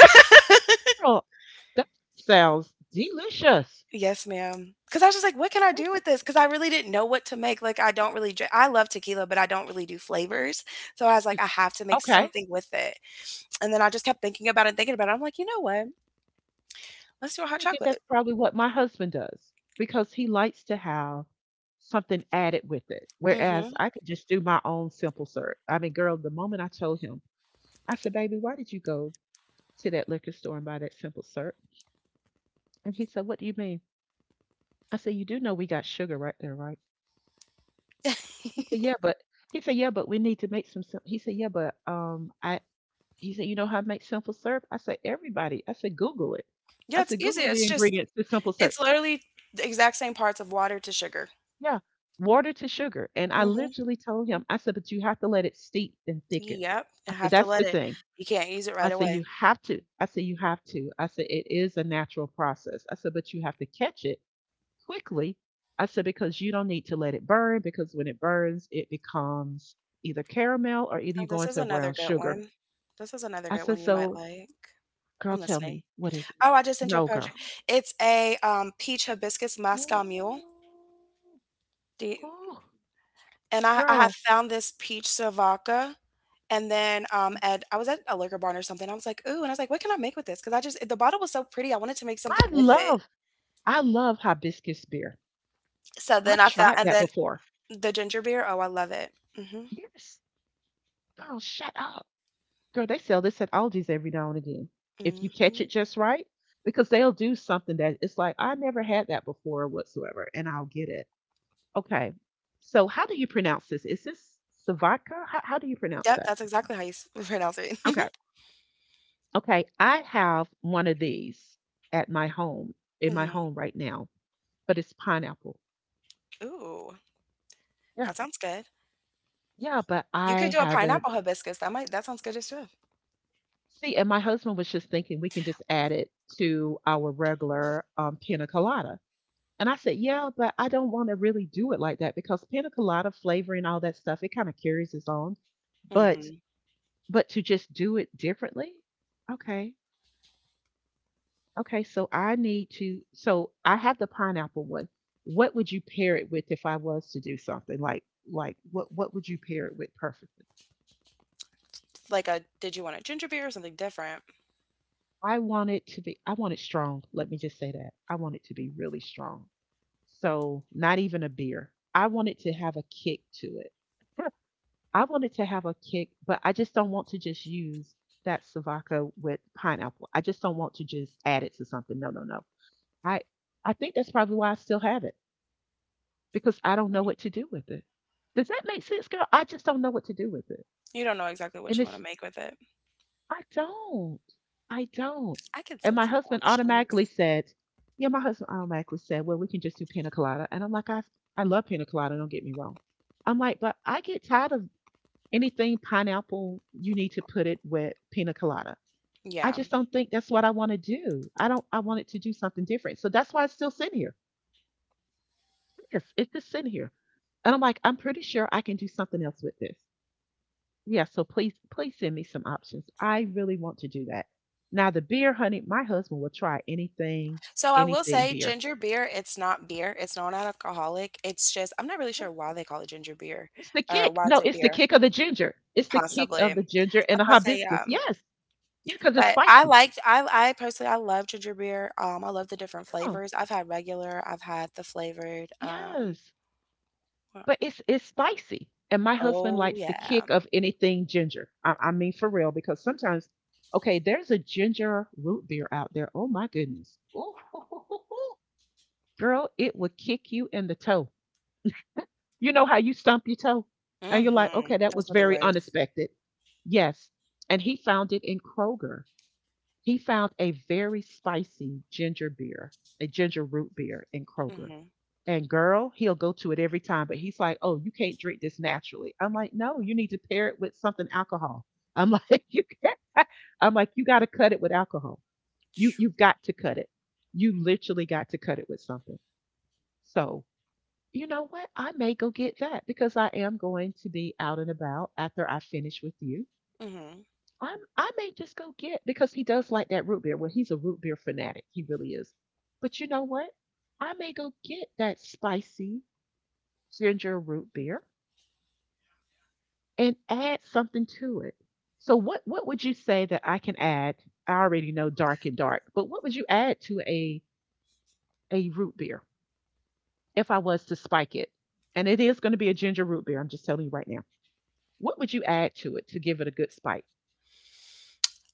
S1: Girl, that sounds delicious.
S2: Yes, ma'am. Cause I was just like, "What can I do
S1: That's
S2: with this? Cause I really didn't know what to make, like, I love tequila, but I don't really do flavors, so I was like,
S1: sweet.
S2: I have to make
S1: Okay. I'm
S2: something with it," and then I just kept thinking about it, I'm like, "You know what? Let's do a hot
S1: thinking that's
S2: chocolate."
S1: probably what my husband does because he likes to have something added with it. Whereas
S2: Mhm.
S1: I could just do my own simple syrup. I mean, girl, the moment I told him, I said, baby, why did you go to that liquor store and buy that simple syrup? And he said, what do you mean? I said, you do know we got sugar right there, right? He said, "Yeah, but he said, yeah, but we need to make some." He said, "Yeah, but I." He said, "You know how to make simple syrup?" I said, "Everybody." I said, "Google it."
S2: Yeah,
S1: I
S2: it's
S1: said,
S2: easy,
S1: "Google
S2: it's
S1: the
S2: just
S1: ingredients to simple syrup."
S2: it's literally the exact same parts of water to sugar.
S1: Yeah, water to sugar, and I
S2: Mhm.
S1: literally told him, I said, "But you have to let it steep and thicken."
S2: Yep, I
S1: I said,
S2: have to
S1: "That's
S2: let
S1: the
S2: it
S1: thing."
S2: you can't use it
S1: I
S2: right
S1: said, "You
S2: away.
S1: have to." I said, "You have to." I said, "It is a natural process." I said, "But you have to catch it." Quickly. I said, because you don't need to let it burn, because when it burns, it becomes either caramel or either
S2: Oh,
S1: you go
S2: this is
S1: into a
S2: another
S1: brown
S2: good
S1: sugar.
S2: one. This is another
S1: I
S2: good
S1: said,
S2: one you might
S1: so
S2: like.
S1: girl,
S2: I'm
S1: tell
S2: listening.
S1: me, what is it?
S2: Oh, I just sent you a
S1: No,
S2: poetry.
S1: girl.
S2: It's a peach hibiscus Moscow mule.
S1: Oh,
S2: The,
S1: oh,
S2: and I have
S1: girl,
S2: found this peach Sivaka. And then at I was at a liquor barn or something. I was like, ooh, and I was like, what can I make with this? Because I just the bottle was so pretty. I wanted to make
S1: I
S2: something with it.
S1: love, I love hibiscus beer.
S2: So then
S1: I've
S2: I found
S1: tried
S2: and
S1: that
S2: then
S1: before.
S2: the ginger beer. Oh, I love it. hmm.
S1: Yes, girl, shut up. Girl, they sell this at Aldi's every now and again. If you catch
S2: hmm.
S1: it just right, because they'll do something that it's like, I never had that before whatsoever, and I'll get it. Okay. So how do you pronounce this? Is this Savatka? How do you pronounce
S2: Yep,
S1: that?
S2: that's exactly how you [LAUGHS] pronounce it.
S1: Okay.
S2: [LAUGHS]
S1: Okay. I have one of these at my home, in my
S2: hmm.
S1: home right now, but it's pineapple.
S2: Ooh,
S1: Yeah.
S2: that sounds good.
S1: Yeah. But
S2: You could
S1: I
S2: do a
S1: haven't.
S2: pineapple hibiscus. That might that sounds good as well.
S1: See, and my husband was just thinking we can just add it to our regular pina colada. And I said, yeah, but I don't want to really do it like that because pina colada flavor and all that stuff, it kind of carries its own. But,
S2: hmm.
S1: but to just do it differently. Okay. Okay, so I need to. So I have the pineapple one. What would you pair it with if I was to do something like what would you pair it with perfectly?
S2: Like a did you want a ginger beer or something different?
S1: I want it to be. I want it strong. Let me just say that. I want it to be really strong. So not even a beer. I want it to have a kick to it. [LAUGHS] I want it to have a kick, but I just don't want to just use that Savaca with pineapple. I just don't want to just add it to something. No, no, no. I I think that's probably why I still have it, because I don't know what to do with it. Does that make sense, girl? I just don't know what to do with it.
S2: You don't know exactly what
S1: And
S2: you wanna
S1: it's,
S2: make with it.
S1: I don't. I don't.
S2: I can
S1: And
S2: send
S1: my
S2: some
S1: husband automatically
S2: options.
S1: said, yeah, my husband automatically said, well, we can just do pina colada. And I'm like, I love pina colada. Don't get me wrong. I'm like, but I get tired of anything pineapple. You need to put it with pina colada. I
S2: Yeah.
S1: just don't think that's what I want to do. I don't, I wanted to do something different. So that's why it's still sitting here. Yes, it's just sitting here. And I'm like, I'm pretty sure I can do something else with this. Yeah, so please send me some options. I really want to do that. Now the beer, honey, my husband will try anything,
S2: So, I will
S1: anything
S2: say
S1: beer.
S2: ginger beer, it's not beer, it's non-alcoholic, it's just I'm not really sure why they call it ginger beer
S1: It's the
S2: or
S1: kick.
S2: why it's
S1: No,
S2: a
S1: it's the
S2: beer,
S1: kick of the ginger. It's the kick
S2: possibly.
S1: of the ginger and
S2: I'm
S1: the
S2: going to say,
S1: hibiscus. Yes. Yeah, because it's
S2: but
S1: spicy.
S2: I personally, I love ginger beer, I love the different
S1: Yeah.
S2: flavors. I've had regular, I've had the flavored,
S1: Yes.
S2: well
S1: But it's spicy. And my husband
S2: Oh,
S1: likes the
S2: yeah.
S1: kick of anything ginger. I mean for real, because sometimes, okay, there's a ginger root beer out there. Oh my goodness. Ooh, [LAUGHS] girl, it would kick you in the toe. You know how you stump your toe? And you're like, okay,
S2: Mhm.
S1: that
S2: Those
S1: was
S2: were the
S1: very
S2: worst.
S1: unexpected. Yes. And he found it in Kroger. He found a very spicy ginger beer, a ginger root beer in Kroger.
S2: Mhm.
S1: And girl, he'll go to it every time, but he's like, oh, you can't drink this naturally. I'm like, no, you need to pair it with something alcohol. I'm like, [LAUGHS] you can't. I'm like, you got to cut it with alcohol. You've got to cut it. You literally got to cut it with something. So you know what? I may go get that because I am going to be out and about after I finish with you.
S2: Mhm.
S1: I may just go get because he does like that root beer. Well, he's a root beer fanatic. He really is. But you know what? I may go get that spicy ginger root beer and add something to it. So what would you say that I can add? I already know dark and dark, but what would you add to a root beer if I was to spike it? And it is going to be a ginger root beer. I'm just telling you right now. What would you add to it to give it a good spike?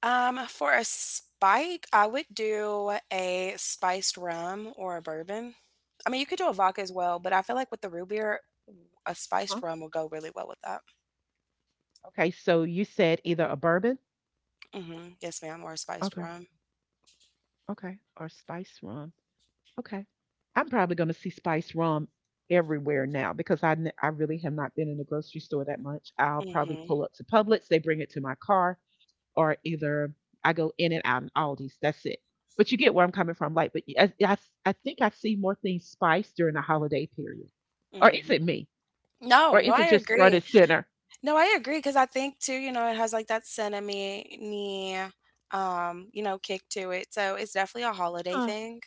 S2: For a spike, I would do a spiced rum or a bourbon. I mean, you could do a vodka as well, but I feel like with the root beer, a
S1: Huh?
S2: spiced rum will go really well with that.
S1: Okay, so you said either a bourbon,
S2: hmm. Yes, ma'am, or a spiced
S1: okay,
S2: rum.
S1: okay, or spice rum. Okay, I'm probably going to see spice rum everywhere now because I really have not been in the grocery store that much. I'll probably
S2: hmm.
S1: pull up to Publix, they bring it to my car, or either I go in and out in Aldi's. That's it. But you get where I'm coming from, like, but I I think I see more things spiced during the holiday period, or is it
S2: hmm.
S1: me, or
S2: No, no,
S1: is
S2: I
S1: it just front
S2: agree.
S1: and center?
S2: No, I agree because I think too, you know, it has like that cinnamony, you know, kick to it. So it's definitely a holiday thing.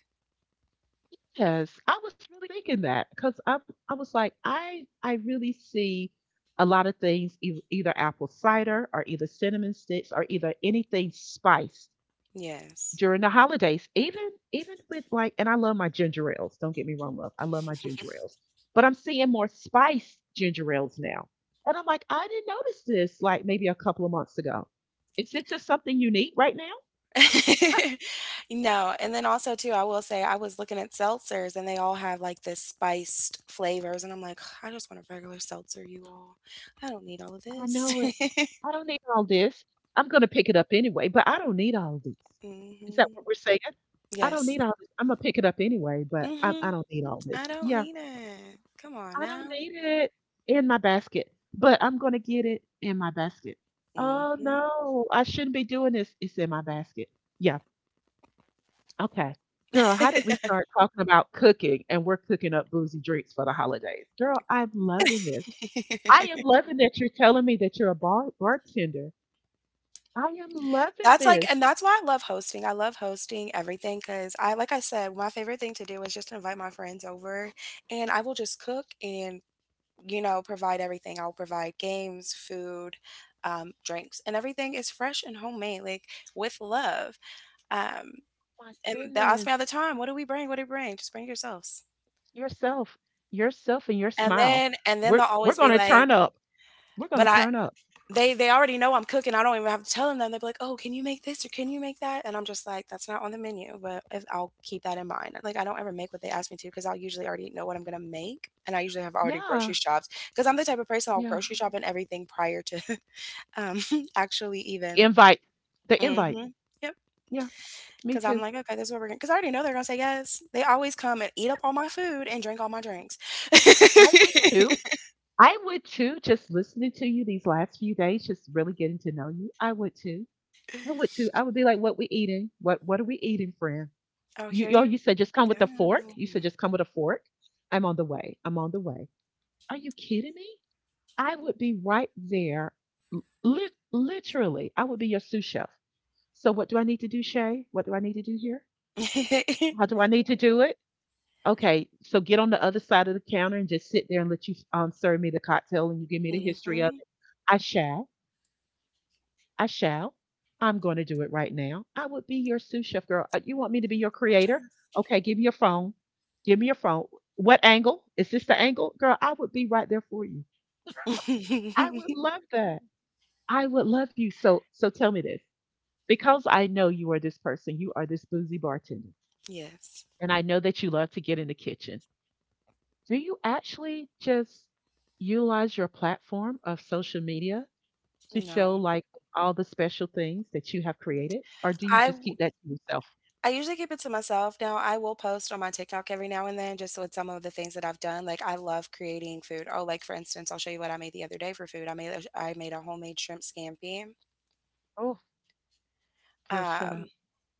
S1: Yes, I was really thinking that because I was like I really see a lot of things either apple cider or either cinnamon sticks or either anything spiced
S2: Yes.
S1: during the holidays. Even with like and I love my ginger ales. Don't get me wrong, love. I love my ginger ales, but I'm seeing more spiced ginger ales now, and I'm like I didn't notice this like maybe a couple of months ago. Is it just something unique right now?
S2: [LAUGHS] No, and then also too, I will say I was looking at seltzers and they all have like this spiced flavors and I'm like, [SIGHS] I just want a regular seltzer, you all. I don't need all of
S1: I
S2: this.
S1: know it.
S2: [LAUGHS]
S1: I don't need all this. I'm gonna pick it up anyway, but I don't need all this. Is that
S2: hmm.
S1: what we're saying? I don't
S2: Yes.
S1: need all this. I'm gonna pick it up anyway, but I,
S2: hmm.
S1: I don't need all this.
S2: I don't
S1: Yeah,
S2: need it. Come on
S1: I don't
S2: now.
S1: need it in my basket, but I'm gonna get it in my basket. Oh
S2: hmm.
S1: no, I shouldn't be doing this. It's in my basket. Yeah, okay. Girl, how did we start talking about cooking and we're cooking up boozy drinks for the holidays? Girl, I'm loving this. I
S2: [LAUGHS]
S1: am loving that you're telling me that you're a bartender. I am loving
S2: That's like, and
S1: this.
S2: that's why I love hosting. I love hosting everything because I, like I said, my favorite thing to do is just invite my friends over and I will just cook and you know, provide everything. I'll provide games, food, drinks, and everything is fresh and homemade, like with love. Um,
S1: My
S2: and they'll ask me all
S1: goodness.
S2: the time, "What do we bring? What do we bring? Just bring yourselves."
S1: Yourself, yourself and your
S2: And
S1: smile.
S2: then, and then
S1: We're
S2: they'll
S1: we're
S2: always be
S1: gonna
S2: like,
S1: turn up. We're
S2: "But
S1: gonna
S2: I."
S1: turn up.
S2: They already know I'm cooking. I don't even have to tell them that. They'll be like, oh, can you make this or can you make that? And I'm just like, that's not on the menu, but if, I'll keep that in mind. Like, I don't ever make what they ask me to because I'll usually already know what I'm going to make. And I usually have already grocery
S1: Yeah,
S2: shopped because I'm the type of person. I'll
S1: yeah.
S2: grocery shop and everything prior to [LAUGHS] Um, [LAUGHS] actually even.
S1: Invite. The invite.
S2: Mhm. because
S1: Yeah, me
S2: 'cause I'm
S1: too.
S2: like, "Okay, this is what we're gonna," to 'cause I already know they're gonna say yes. They always come and eat up all my food and drink all my drinks.
S1: I would too.
S2: [LAUGHS]
S1: I would too, just listening to you these last few days, just really getting to know you. I would too. I would too. I would be like, what we eating? What are we eating, friend?
S2: Oh, here you
S1: You said just come with a
S2: go.
S1: fork. You said just come with a fork. I'm on the way. I'm on the way. Are you kidding me? I would be right there. Literally, I would be your sous chef. So what do I need to do, Shay? What do I need to do here?
S2: [LAUGHS]
S1: How do I need to do it? Okay, so get on the other side of the counter and just sit there and let you serve me the cocktail and you give me the history of
S2: Mhm.
S1: it. I shall. I shall. I'm going to do it right now. I would be your sous chef, girl. You want me to be your
S2: I'm
S1: creator?
S2: tryna
S1: Okay, give me your phone. Give me your phone. What angle? Is this the angle? Girl, I would be right there for you. I would
S2: [LAUGHS]
S1: love that. I would love you. So so tell me this. Because I know you are this person, you are this boozy bartender,
S2: Yes.
S1: and I know that you love to get in the kitchen. Do you actually just utilize your platform of social media to
S2: No.
S1: show like all the special things that you have created, or do you
S2: I
S1: just keep that to yourself?
S2: I usually keep it to myself now. I will post on my TikTok every now and then, just with some of the things that I've done, like, I love creating food. Oh, like, for instance, I'll show you what I made the other day for food. I made a homemade shrimp scampi.
S1: Oh, girl, shut
S2: Um
S1: up.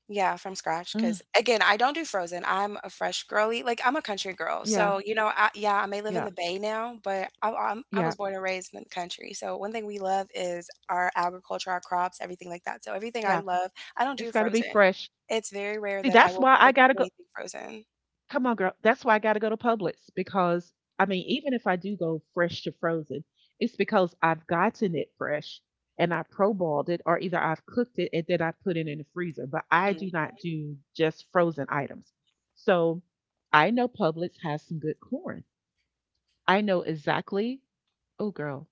S2: Yeah, from scratch.
S1: Mm,
S2: 'Cause again, I don't do frozen. I'm a fresh girly. Like, I'm a country girl,
S1: yeah,
S2: so, you know, I yeah, I may live in
S1: yeah,
S2: the Bay now, but I
S1: yeah,
S2: was born and raised in the country, so one thing we love is our agriculture, our crops, everything like that. So everything I
S1: yeah.
S2: love, I don't
S1: It's
S2: do
S1: got to be
S2: frozen.
S1: fresh.
S2: It's very rare
S1: See,
S2: that I
S1: that's
S2: will
S1: why I
S2: cook
S1: gotta go.
S2: anything frozen.
S1: Come on, girl. That's why I got to go to Publix because I mean, even if I do go fresh to frozen, it's because I've gotten it fresh and I pro-balled it, or either I've cooked it and then I put it in the freezer. But I do
S2: Mm,
S1: not do just frozen items. So I know Publix has some good corn. I know exactly. Oh, girl,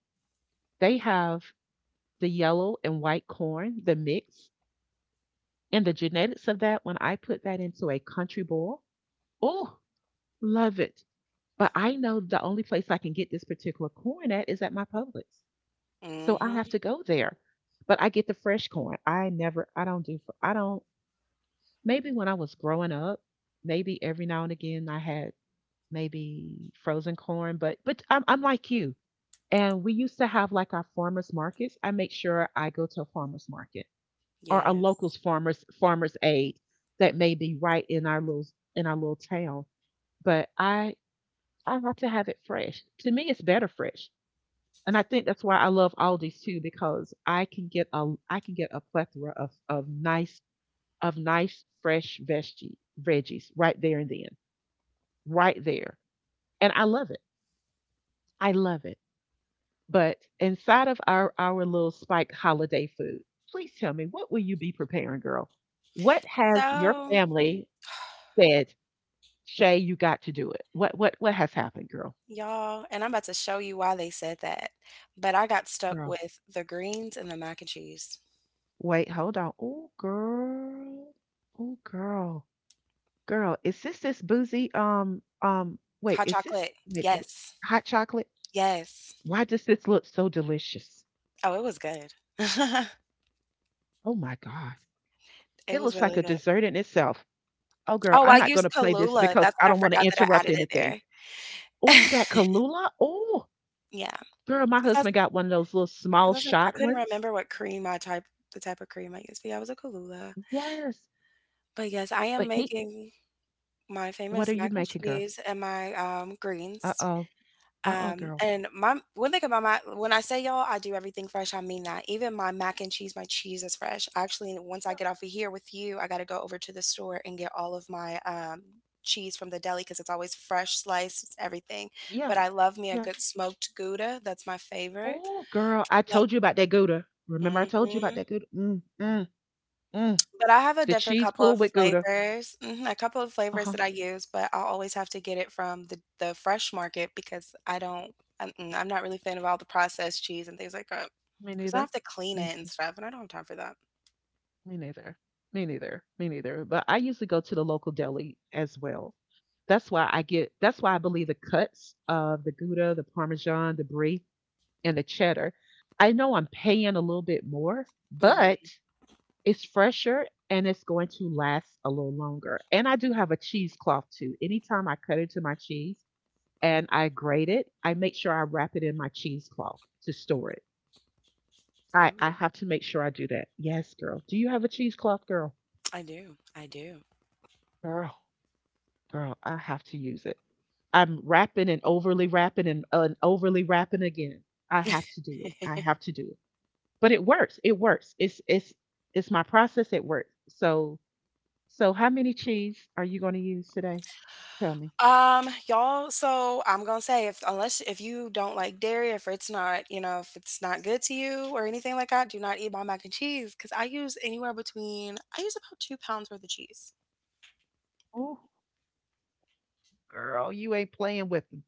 S1: they have the yellow and white corn, the mix, and the genetics of that. When I put that into a country boil, oh, love it. But I know the only place I can get this particular corn at is at my Publix. So I
S2: mhm,
S1: have to go there. But I get the fresh corn. I never, I don't do, fr- I don't, maybe when I was growing up, maybe every now and again I had maybe frozen corn, but, I'm like you. And we used to have like our farmers markets. I make sure I go to a farmers market or a
S2: yes.
S1: local's farmers aid that may be right in our in our little town. But I have to have it fresh. To me, it's better fresh. And I think that's why I love Aldi's too because I can get a plethora of nice of nice fresh veggies right there and then right there, and I love it. I love it. But inside of our little spiked holiday food, please tell me what will you be preparing, girl? What has your
S2: So,
S1: family said, Shay? You got to do it. What has happened, girl?
S2: y'all, and I'm about to show you why they said that, but I got stuck
S1: Girl,
S2: with the greens and the mac and cheese.
S1: wait, hold on. Oh, girl. Oh, girl. Girl, is this boozy? Wait,
S2: Hot
S1: is this
S2: chocolate,
S1: wait,
S2: yes,
S1: hot chocolate?
S2: yes.
S1: Why does this look so delicious?
S2: Oh, it was good. [LAUGHS]
S1: Oh my God.
S2: It
S1: It
S2: was
S1: looks like
S2: really
S1: a
S2: good.
S1: dessert in itself. Oh, girl,
S2: Oh,
S1: I'm
S2: I
S1: not going
S2: used
S1: to play this
S2: Kahlúa.
S1: because
S2: That's
S1: I
S2: what I
S1: don't want to
S2: forgot, that I
S1: interrupt
S2: added it
S1: anything.
S2: there.
S1: Oh, that
S2: [LAUGHS]
S1: Kalula. Oh,
S2: Yeah,
S1: girl, my
S2: because I was
S1: husband got one of those little small
S2: because I was like, I
S1: shot
S2: couldn't
S1: ones.
S2: remember what cream I type of cream I used, but yeah, it was a Kahlúa.
S1: Yes.
S2: But yes, I am
S1: But he,
S2: making my
S1: what
S2: famous
S1: are you
S2: mac and
S1: making, girl?
S2: cheese and my, greens.
S1: Uh-oh. Uh-oh, girl.
S2: And my one thing about my When I say y'all, I do everything fresh. I mean that. Even my mac and cheese, my cheese is fresh. Actually, once I get off of here with you, I got to go over to the store and get all of my cheese from the deli, because it's always fresh sliced, it's everything.
S1: Yeah.
S2: But I love me a
S1: Yeah. Yeah.
S2: good smoked Gouda. That's my favorite.
S1: Oh, girl, I
S2: Love.
S1: told you about that Gouda. Remember I told you about
S2: Hmm.
S1: that Gouda? Mm, mm, mm.
S2: But I have a
S1: Did
S2: different
S1: cheese
S2: couple
S1: pull
S2: of
S1: with Gouda?
S2: flavors, mhm, a couple of
S1: Uh
S2: flavors
S1: huh.
S2: that I use, but I'll always have to get it from the fresh market, because I don't I'm mm, I'm not really a fan of all the processed cheese and things like that.
S1: Me
S2: Because I
S1: neither.
S2: have to clean
S1: Me,
S2: it and stuff, and I don't have time for that.
S1: me neither. Me neither. Me neither. But I usually go to the local deli as well. That's why I get. That's why I believe the cuts of the Gouda, the Parmesan, the Brie, and the cheddar. I know I'm paying a little bit more, but
S2: Mhm.
S1: it's fresher and it's going to last a little longer. And I do have a cheesecloth too. Anytime I cut into my cheese and I grate it, I make sure I wrap it in my cheesecloth to store it. I
S2: Ooh,
S1: have to make sure I do that. Yes, girl. Do you have a cheesecloth, girl?
S2: I do, I do.
S1: Girl, girl, I have to use it. I'm wrapping and overly wrapping and overly wrapping again. I have to do it. I have to do it. But it works. It works. It's it's my process. It works. So so how many cheese are you going to use today? Tell me.
S2: Y'all, so I'm gonna say, if unless, if you don't like dairy, if it's not good to you or anything like that, do not eat my mac and cheese. Because I use, about 2 pounds worth of cheese.
S1: Oh, girl, you ain't playing with them.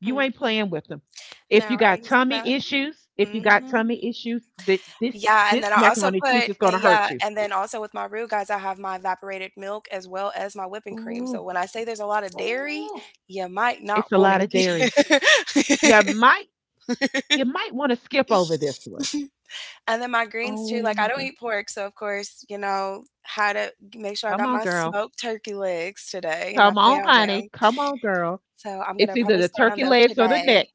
S1: You ain't
S2: Mhm.
S1: playing with them. If
S2: No,
S1: you
S2: I
S1: got
S2: use
S1: tummy
S2: that,
S1: issues, if you got
S2: mhm.
S1: tummy issues, that this
S2: Yeah, and then
S1: this
S2: I also
S1: macaroni
S2: put,
S1: cheese is going to
S2: yeah,
S1: hurt you.
S2: and then also with my roux, guys, I have my evaporated milk as well as my whipping cream, so
S1: Ooh,
S2: when I say there's a lot of dairy,
S1: ooh.
S2: you might not
S1: It's a
S2: wanna
S1: lot, yeah, of
S2: eat
S1: dairy. You
S2: it. [LAUGHS]
S1: might you might want to skip over this one.
S2: And then my greens too,
S1: Oh
S2: like, I
S1: my
S2: don't
S1: god.
S2: eat pork, so of course, you know, had to make sure I
S1: Come
S2: got
S1: on,
S2: my
S1: girl.
S2: smoked turkey legs today, and I
S1: Come on,
S2: found
S1: honey.
S2: them,
S1: Come on, girl.
S2: so I'm
S1: It's
S2: gonna
S1: either
S2: probably
S1: the
S2: start on
S1: turkey
S2: those
S1: legs or the
S2: today.
S1: neck.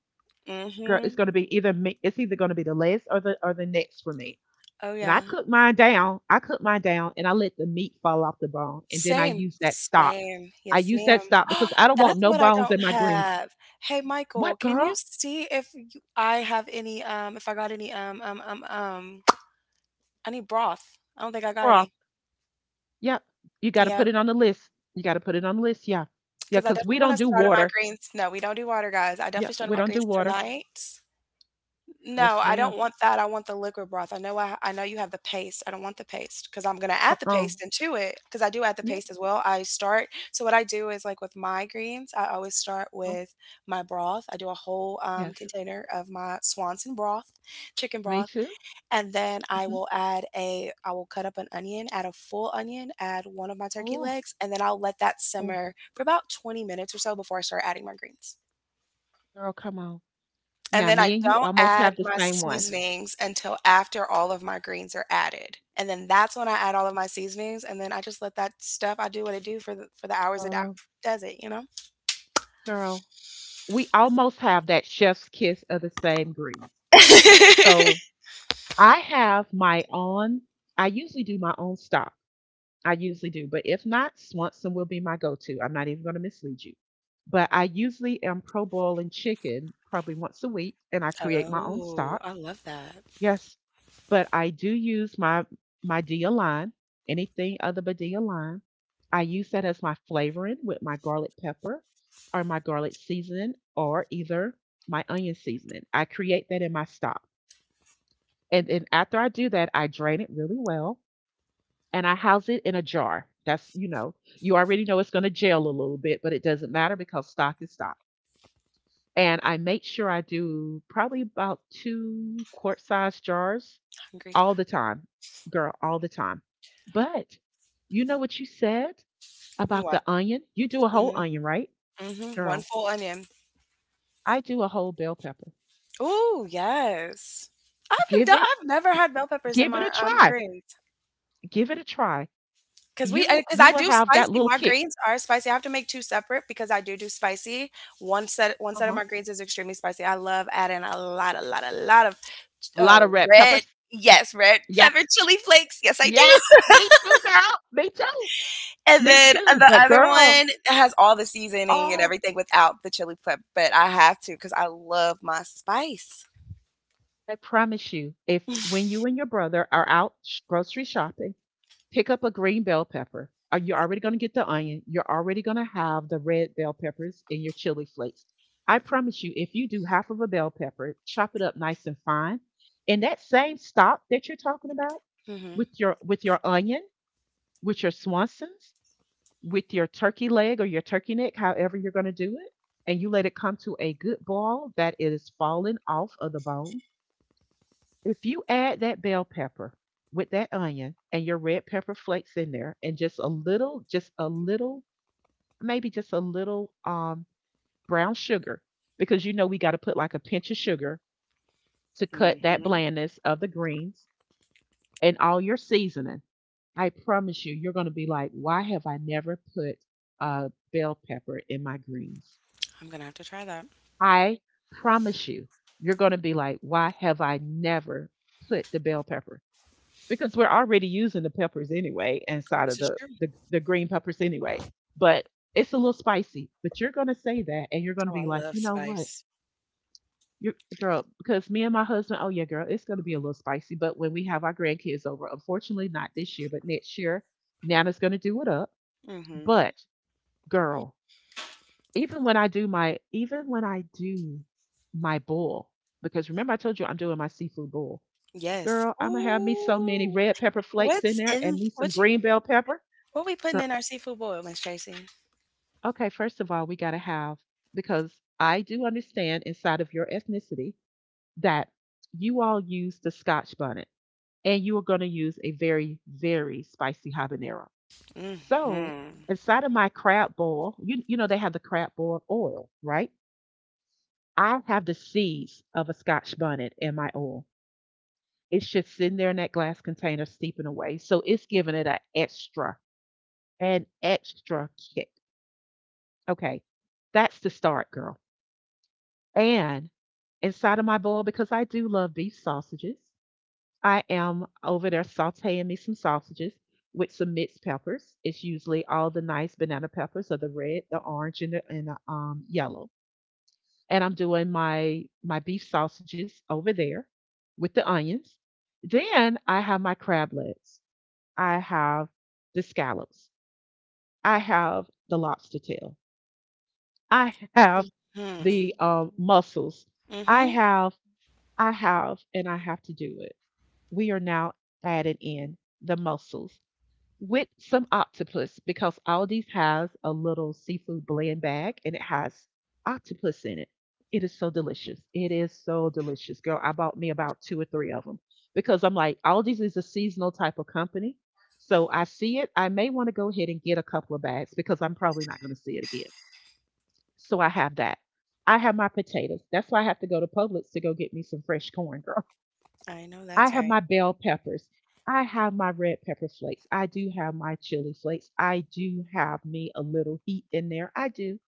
S2: Mm,
S1: Girl, it's
S2: mhm.
S1: gonna be either me. It's either gonna be the legs or the necks for me.
S2: Oh,
S1: When I
S2: yeah.
S1: cook mine down, I cook mine down and I let the meat fall off the bone, and then I
S2: Same,
S1: use that stock.
S2: same.
S1: I
S2: Yes,
S1: use
S2: ma'am.
S1: that stock because
S2: [GASPS]
S1: I don't want
S2: That's
S1: no
S2: what I
S1: bones in
S2: don't
S1: my greens.
S2: have. Hey, Michael,
S1: What,
S2: can you
S1: girl?
S2: see, if you, I have any, if I got any, [SNIFFS] [TSK] I need broth. I don't think I got
S1: Bruh.
S2: any.
S1: Yep. You got to
S2: Yeah,
S1: put it on the list. You got to put it on the list. Yeah. Yeah.
S2: because I
S1: Because we
S2: definitely want
S1: don't
S2: to
S1: do
S2: start on my
S1: water.
S2: greens. No, we don't do water, guys. I
S1: Yeah.
S2: definitely started
S1: We
S2: my
S1: don't do
S2: greens
S1: water.
S2: tonight. No,
S1: Yes,
S2: I
S1: ma'am.
S2: don't want that, I want the liquid broth. I know I know you have the paste. I don't want the paste, because I 'cause I'm gonna add the
S1: Uh.
S2: paste into it, because I do add the
S1: Yep.
S2: paste as well. I start So what I do is, like, with my greens, I always start
S1: uh,
S2: with my broth. I do a whole,
S1: Yes.
S2: container of my Swanson broth, chicken
S1: Me
S2: broth,
S1: too.
S2: and then I
S1: Hmm.
S2: will add a I will cut up an onion, add a full onion, add one of my turkey
S1: Oh,
S2: legs, and then I'll let that
S1: oh,
S2: simmer for about 20 minutes or so before I start adding my greens.
S1: girl, come on.
S2: And
S1: Now,
S2: then I
S1: me and you
S2: don't
S1: almost
S2: add
S1: have the
S2: my
S1: same one.
S2: seasonings until after all of my greens are added. And then that's when I add all of my seasonings, and then I just let that stuff, I do what it do, for the hours it
S1: Girl,
S2: does it, you know?
S1: girl, we almost have that chef's kiss of the same greens. So
S2: [LAUGHS]
S1: I have my own, I usually do my own stock. I usually do. But if not, Swanson will be my go to. I'm not even going to mislead you. But I usually am pro boiling chicken probably once a week and I create my own
S2: Oh,
S1: stock.
S2: I love that.
S1: Yes. But I do use my my Dia line, anything other but Dia line. I use that as my flavoring with my garlic pepper or my garlic seasoning or either my onion seasoning. I create that in my stock. And then after I do that, I drain it really well and I house it in a jar. That's, you know, you already know it's going to gel a little bit, but it doesn't matter because stock is stock. And I make sure I do probably about two quart size jars
S2: Hungry.
S1: all the time, girl, all the time. But you know what you said about the
S2: What?
S1: onion? You do a whole
S2: Mhm,
S1: onion, right?
S2: mhm. one
S1: Girl,
S2: full onion.
S1: I do a whole bell pepper.
S2: Ooh, yes. I have been
S1: Give
S2: done
S1: it
S2: I've never had bell peppers in
S1: give it
S2: my,
S1: a try.
S2: greens.
S1: Give it a try.
S2: 'Cause we
S1: You
S2: cause
S1: you
S2: I
S1: will
S2: do
S1: have that
S2: spicy,
S1: little
S2: my
S1: kick.
S2: greens are spicy, I have to make two separate because I do do spicy. One set of
S1: Uh-huh.
S2: my greens is extremely spicy. I love adding a lot, a lot, a lot of,
S1: A lot of red
S2: red
S1: peppers.
S2: yes, red
S1: Yeah,
S2: pepper chili flakes, yes, I do.
S1: yes,
S2: [LAUGHS]
S1: me too, girl. Me too.
S2: And
S1: Me
S2: then,
S1: too.
S2: the
S1: But
S2: other
S1: girl,
S2: one has all the seasoning and
S1: oh,
S2: everything without the chili pep, but I have to because I love my spice.
S1: I promise you, if when you and your brother are out grocery shopping, pick up a green bell pepper. Are you already going to get the onion? You're already going to have the red bell peppers in your chili flakes. I promise you, if you do half of a bell pepper, chop it up nice and fine, and that same stock that you're talking about
S2: Mhm.
S1: with your onion, with your Swansons, with your turkey leg or your turkey neck, however you're going to do it, and you let it come to a good boil that it is falling off of the bone. If you add that bell pepper with that onion and your red pepper flakes in there and just a little, maybe just a little brown sugar, because you know we got to put like a pinch of sugar to cut that
S2: Mhm.
S1: blandness of the greens and all your seasoning. I promise you, you're going to be like, why have I never put bell pepper in my greens?
S2: I'm gonna have to try that.
S1: I promise you, you're going to be like, why have I never put the bell pepper? Because we're already using the peppers anyway inside of
S2: This is
S1: the,
S2: true.
S1: the, the green peppers anyway. But it's a little spicy. But you're going to say that and you're going to
S2: Oh,
S1: be
S2: I
S1: like,
S2: love
S1: you know what?
S2: spice.
S1: You're, girl, because me and my husband, oh yeah, girl, it's going to be a little spicy. But when we have our grandkids over, unfortunately, not this year, but next year, Nana's going to do it up.
S2: Mhm.
S1: But girl, Even when I do my even when I do my bowl, because remember I told you I'm doing my seafood bowl.
S2: Yes.
S1: Girl, I'm gonna have me so many
S2: Ooh.
S1: red pepper flakes in
S2: What's
S1: there and
S2: in
S1: me some
S2: what you
S1: green bell pepper.
S2: what we putting
S1: Girl,
S2: in our seafood boil, Miss Tracy?
S1: okay, first of all, we gotta have because I do understand inside of your ethnicity that you all use the Scotch bonnet and you are gonna use a very, very spicy habanero. So
S2: Mm-hmm.
S1: inside of my crab boil, you know they have the crab boil oil, right? I have the seeds of a scotch bonnet in my oil. It should sit in there in that glass container steeping away. So it's giving it an extra kick. Okay. That's the start, girl. And inside of my bowl, because I do love beef sausages, I am over there sauteing me some sausages with some mixed peppers. It's usually all the nice banana peppers or the red, the orange, and the yellow. And I'm doing my my beef sausages over there with the onions. Then I have my crab legs. I have the scallops. I have the lobster tail. I have
S2: Hmm.
S1: the mussels. I
S2: Mm-hmm.
S1: have, I have, and I have to do it. We are now added in the mussels with some octopus because Aldi's has a little seafood blend bag and it has octopus in it. It is so delicious. It is so delicious, girl. I bought me about two or three of them because I'm like, Aldi's is a seasonal type of company. So I see it. I may want to go ahead and get a couple of bags because I'm probably not going to see it again. So I have that. I have my potatoes. That's why I have to go to Publix to go get me some fresh corn, girl.
S2: I know
S1: I
S2: that's
S1: have
S2: right.
S1: my bell peppers. I have my red pepper flakes. I do have my chili flakes. I do have me a little heat in there. I do.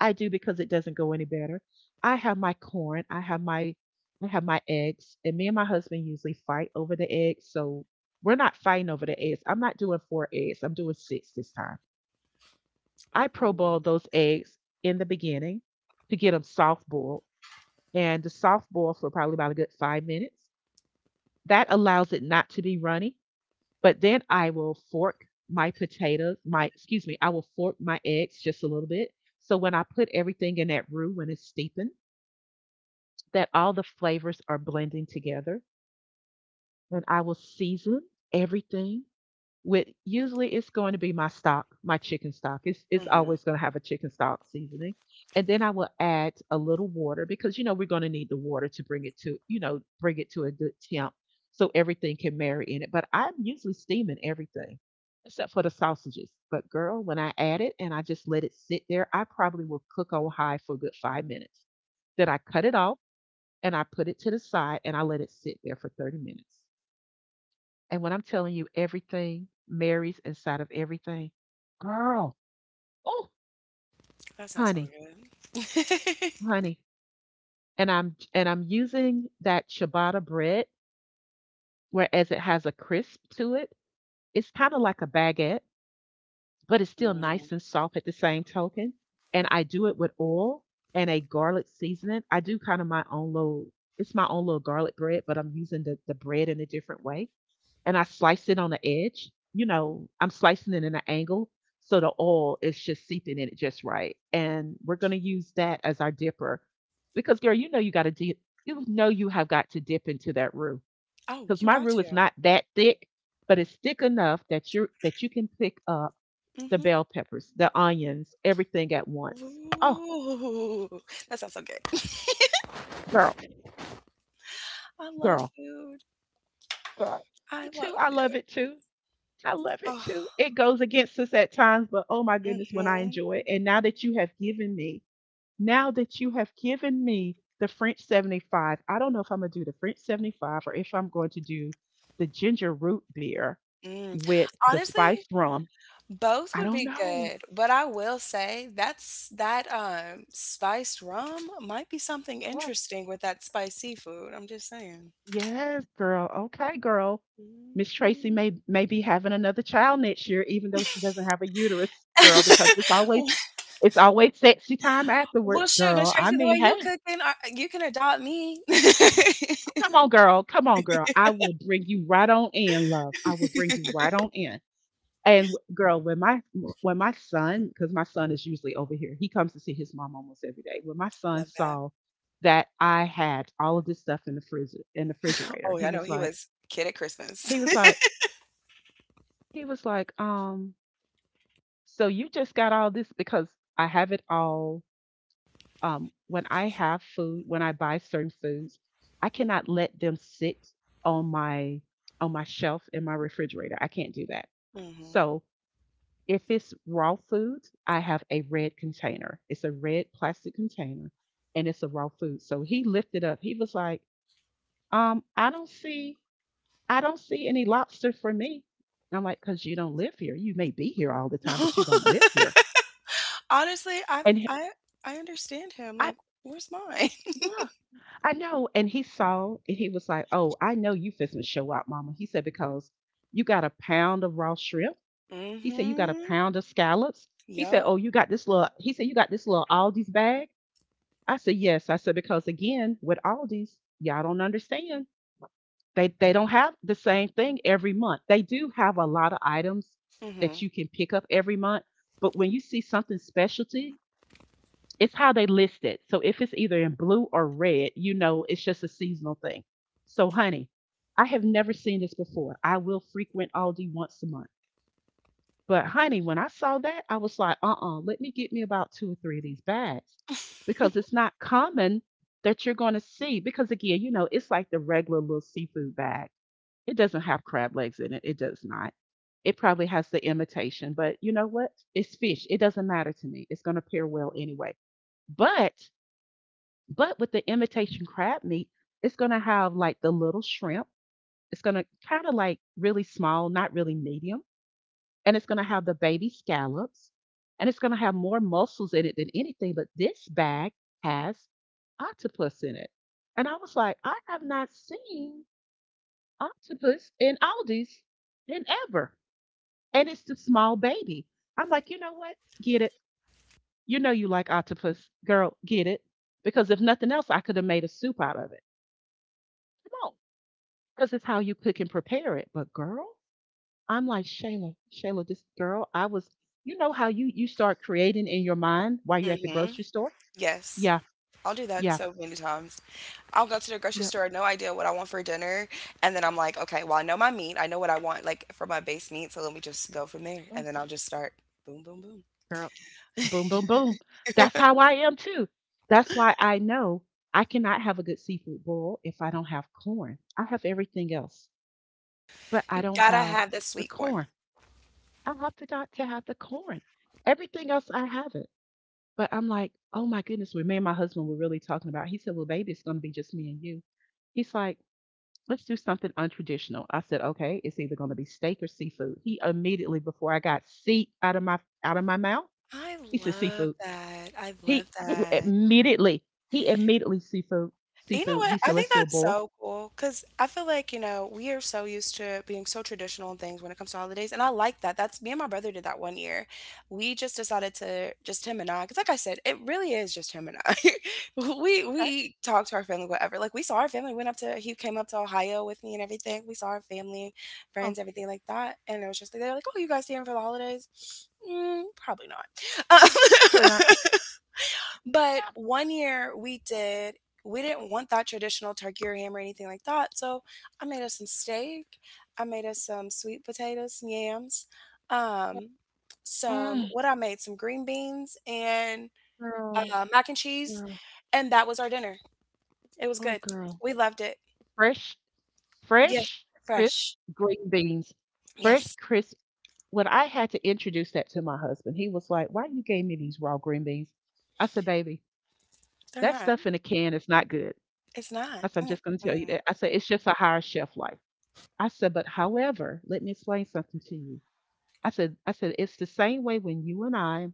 S1: I do because it doesn't go any better. I have my corn. I have my eggs. And me and my husband usually fight over the eggs. So we're not fighting over the eggs. I'm not doing four eggs. I'm doing six this time. I pro
S2: Ooh.
S1: boil those eggs in the beginning to get them soft boiled. And the soft boil for probably about a good 5 minutes. That allows it not to be runny. But then I will fork my potatoes, my, excuse me, I will fork my eggs just a little bit. So when I put everything in that roux, when it's steeping, that all the flavors are blending together. And I will season everything with usually it's going to be my stock, my chicken stock. It's
S2: Mm-hmm.
S1: always going to have a chicken stock seasoning. And then I will add a little water because you know we're going to need the water to bring it to, you know, bring it to a good temp so everything can marry in it. But I'm usually steaming everything except for the sausages. But girl, when I add it and I just let it sit there, I probably will cook on high for a good 5 minutes. Then I cut it off and I put it to the side and I let it sit there for 30 minutes. And when I'm telling you everything marries inside of everything, girl, oh,
S2: That sounds so
S1: honey,
S2: good. [LAUGHS]
S1: honey. And I'm using that ciabatta bread, whereas it has a crisp to it. It's kind of like a baguette, but it's still
S2: Mm.
S1: nice and soft at the same token. And I do it with oil and a garlic seasoning. I do kind of my own little. It's my own little garlic bread, but I'm using the bread in a different way. And I slice it on the edge. You know, I'm slicing it in an angle so the oil is just seeping in it just right. And we're going to use that as our dipper because, girl, you know you got to dip. You know you have got to dip into that roux
S2: Oh,
S1: because
S2: you
S1: my
S2: got
S1: roux is
S2: to.
S1: not that thick, but it's thick enough that you can pick up the
S2: Mm-hmm.
S1: bell peppers, the onions, everything at once. Oh,
S2: Ooh. That sounds so good. [LAUGHS]
S1: girl,
S2: I love
S1: girl,
S2: food.
S1: girl. Me
S2: I
S1: too.
S2: love
S1: I love
S2: food.
S1: it too. I love it
S2: Oh.
S1: too. It goes against us at times, but oh my goodness, when I
S2: Mm-hmm.
S1: enjoy it. And now that you have given me, now that you have given me the French 75, I don't know if I'm going to do the French 75 or if I'm going to do the ginger root beer
S2: Mm.
S1: with the
S2: Honestly,
S1: spiced rum.
S2: both
S1: I
S2: would
S1: don't
S2: be
S1: know.
S2: good, but I will say, that spiced rum might be something
S1: Yes,
S2: interesting with that spicy food. I'm just saying.
S1: yes, girl. Okay, girl. Miss Tracy
S2: Mhm.
S1: may be having another child next year, even though she doesn't have a uterus, girl, because
S2: [LAUGHS]
S1: it's always sexy time
S2: Well,
S1: afterwards,
S2: shoot, Miss
S1: girl. I
S2: Tracy, the
S1: mean,
S2: way you
S1: hey.
S2: cooking, you can adopt me. [LAUGHS] Love
S1: Come on, girl. Come on, girl. I will bring you right on in, love. I will bring you right on in. And girl, when my son, because my son is usually over here, he comes to see his mom almost every day. When my son
S2: that.
S1: saw that I had all of this stuff in the refrigerator,
S2: Oh, yeah,
S1: he
S2: I know
S1: was
S2: he
S1: like,
S2: was kid at Christmas.
S1: he was like, he was like, "So you just got all this because I have it all." When I have food, when I buy certain foods, I cannot let them sit on my shelf in my refrigerator. I can't do that.
S2: [LAUGHS] Hmm.
S1: So if it's raw food, I have a red container. It's a red plastic container, and it's a raw food. So he lifted up. He was like, um, "I don't see, I don't see any lobster for me." And I'm like, "Cause you don't live here. You may be here all the time, but you don't live
S2: [LAUGHS]
S1: here."
S2: Honestly, I
S1: And he-
S2: I I understand him.
S1: I,
S2: Like, where's mine?
S1: yeah. I know. And he saw and he was like, "Oh, I know you fixing to show out, mama." He said, "Because you got a pound of raw shrimp." He said, "You got a
S2: [LAUGHS] Mm-hmm.
S1: pound of scallops." He said,
S2: Yup.
S1: "Oh, you got this little," he said, "you got this little Aldi's bag?" I said, "Yes." I said, "Because again, with Aldi's, y'all don't understand. They don't have the same thing every month. They do have a lot of items that
S2: Mm-hmm.
S1: you can pick up every month. But when you see something specialty, it's how they list it. So if it's either in blue or red, you know it's just a seasonal thing." So, honey, I have never seen this before. I will frequent Aldi once a month. But, honey, when I saw that, I was like, let me get me about two or three of these bags because it's not common that you're going to see. Because, again, it's like the regular little seafood bag. It doesn't have crab legs in it, it does not. It probably has the imitation, but you know what? It's fish. It doesn't matter to me. It's going to pair well anyway. But but with the imitation crab meat, it's going to have like the little shrimp. It's going to kind of like really small, not really medium. And it's going to have the baby scallops. And it's going to have more mussels in it than anything. But this bag has octopus in it. And I was like, I have not seen octopus in Aldi's in ever. And it's the small baby. I'm like, you know what? Get it. You know you like octopus. Girl, get it. Because if nothing else, I could have made a soup out of it. Come on. Because it's how you cook and prepare it. But girl, I'm like, "Shayla, Shayla," this girl, I was, you know how you start creating in your mind while you're at the
S2: Mm-hmm.
S1: grocery store?
S2: Yes.
S1: Yeah,
S2: I'll do that
S1: yeah,
S2: so many times. I'll go to the grocery
S1: yeah.
S2: store, no idea what I want for dinner, and then I'm like, okay, well, I know my meat. I know what I want, like for my base meat, so let me just go from there, and then
S1: Yes,
S2: I'll just start, boom, boom, boom.
S1: girl, boom, boom, boom. That's how I am too. That's why I know I cannot have a good seafood boil if I don't have corn. I have everything else, but
S2: You
S1: I don't
S2: gotta
S1: have
S2: have the
S1: the
S2: sweet corn.
S1: corn. I have to not to have the corn. Everything else I have it. But I'm like, "Oh my goodness," we me and my husband were really talking about. He said, "Well, baby, it's gonna be just me and you." He's like, "Let's do something untraditional." I said, "Okay, it's either gonna be steak or seafood." He immediately, before I got seat out of my mouth,
S2: I
S1: he said,
S2: love
S1: "Seafood."
S2: that. I
S1: He,
S2: love
S1: he
S2: that.
S1: immediately, he immediately seafood,
S2: You know
S1: seafood.
S2: what?
S1: He
S2: I
S1: said,
S2: think
S1: "Let's do a
S2: that's
S1: boil."
S2: so cool, because I feel like, we are so used to being so traditional and things when it comes to holidays. And I like that. That's, me and my brother did that one year. We just decided to, just him and I, because like I said, it really is just him and I. [LAUGHS] we
S1: Okay.
S2: we talked to our family, whatever. Like, we saw our family, went up to he came up to Ohio with me and everything. We saw our family,
S1: Oh,
S2: friends, everything like that. And it was just they were like, oh, you guys staying for the holidays? Mm, probably not. [LAUGHS]
S1: probably not.
S2: But
S1: Yeah.
S2: one year we didn't want that traditional turkey or ham or anything like that. So I made us some steak. I made us some sweet potatoes, some yams, um, some
S1: Mm,
S2: what I made, some green beans and,
S1: girl,
S2: mac and cheese.
S1: girl,
S2: And that was our dinner. It was
S1: oh
S2: good.
S1: girl.
S2: We loved it.
S1: Fresh,
S2: Yes,
S1: fresh, crisp
S2: fresh.
S1: green beans. Fresh,
S2: Yes,
S1: crisp. When I had to introduce that to my husband, he was like, "Why you gave me these raw green beans?" I said, "Baby,
S2: they're
S1: that
S2: not.
S1: stuff in a can is not good."
S2: It's not.
S1: I said, "I'm just going to tell you
S2: Mm-mm.
S1: that." I said, "It's just a higher shelf life." I said, "But however, let me explain something to you." "I said it's the same way when you and I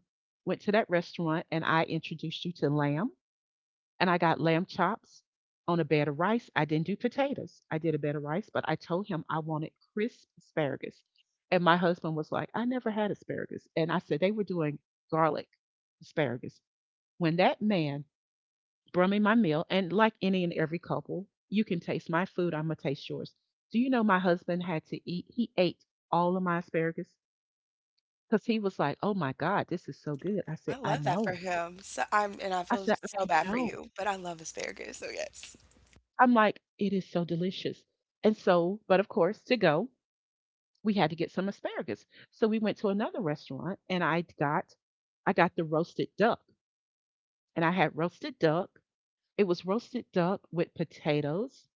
S1: went to that restaurant and I introduced you to lamb, and I got lamb chops on a bed of rice. I didn't do potatoes. I did a bed of rice, but I told him I wanted crisp asparagus. And my husband was like, 'I never had asparagus.' And I said, they were doing garlic asparagus. When that man brought me my meal, and like any and every couple, you can taste my food, I'm going to taste yours. Do you know my husband had to eat? He ate all of my asparagus because he was like, 'Oh my God, this is so good.' I said,
S2: I
S1: 'I
S2: love that for
S1: know.'
S2: him. So, and I
S1: I
S2: feel
S1: said, 'I
S2: so bad for
S1: know.'
S2: you, but I love asparagus. So yes,
S1: I'm like, it is so delicious." And so, but of course, to go, we had to get some asparagus. So we went to another restaurant and I got the roasted duck. And I had roasted duck. It was roasted duck with potatoes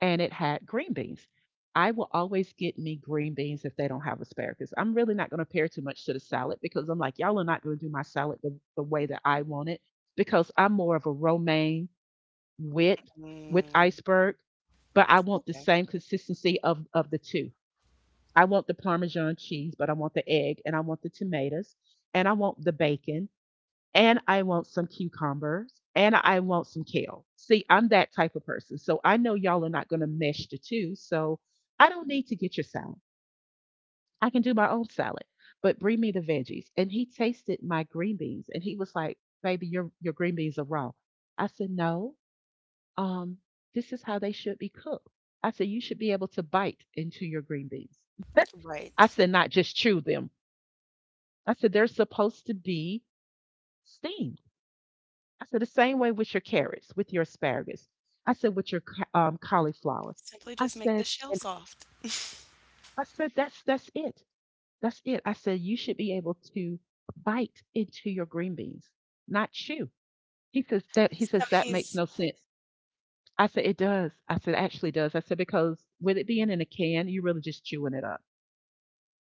S1: and it had green beans. I will always get me green beans if they don't have asparagus. I'm really not going to pair too much to the salad because I'm like, y'all are not going to do my salad the way that I want it because I'm more of a romaine with iceberg, but I want the same consistency of the two. I want the parmesan cheese, but I want the egg and I want the tomatoes and I want the bacon and I want some cucumbers and I want some kale. See, I'm that type of person. So I know y'all are not going to mesh the two, so I don't need to get your salad. I can do my own salad. But bring me the veggies. And he tasted my green beans and he was like, "Baby, your green beans are raw." I said, "No, um, this is how they should be cooked." I said, "You should be able to bite into your green beans." [LAUGHS]
S2: right.
S1: I said, "Not just chew them." I said, "They're supposed to be steamed." I said, "The same way with your carrots, with your asparagus." I said, "With your cauliflower."
S2: Simply
S1: I
S2: just make the
S1: said,
S2: shell
S1: and
S2: soft.
S1: I said, That's it. That's it." I said, "You should be able to bite into your green beans, not chew." He says that, he
S2: So
S1: says, "That makes
S2: he's
S1: no sense." I said, "It does." I said, "It actually does." I said, "Because with it being in a can, you're really just chewing it up."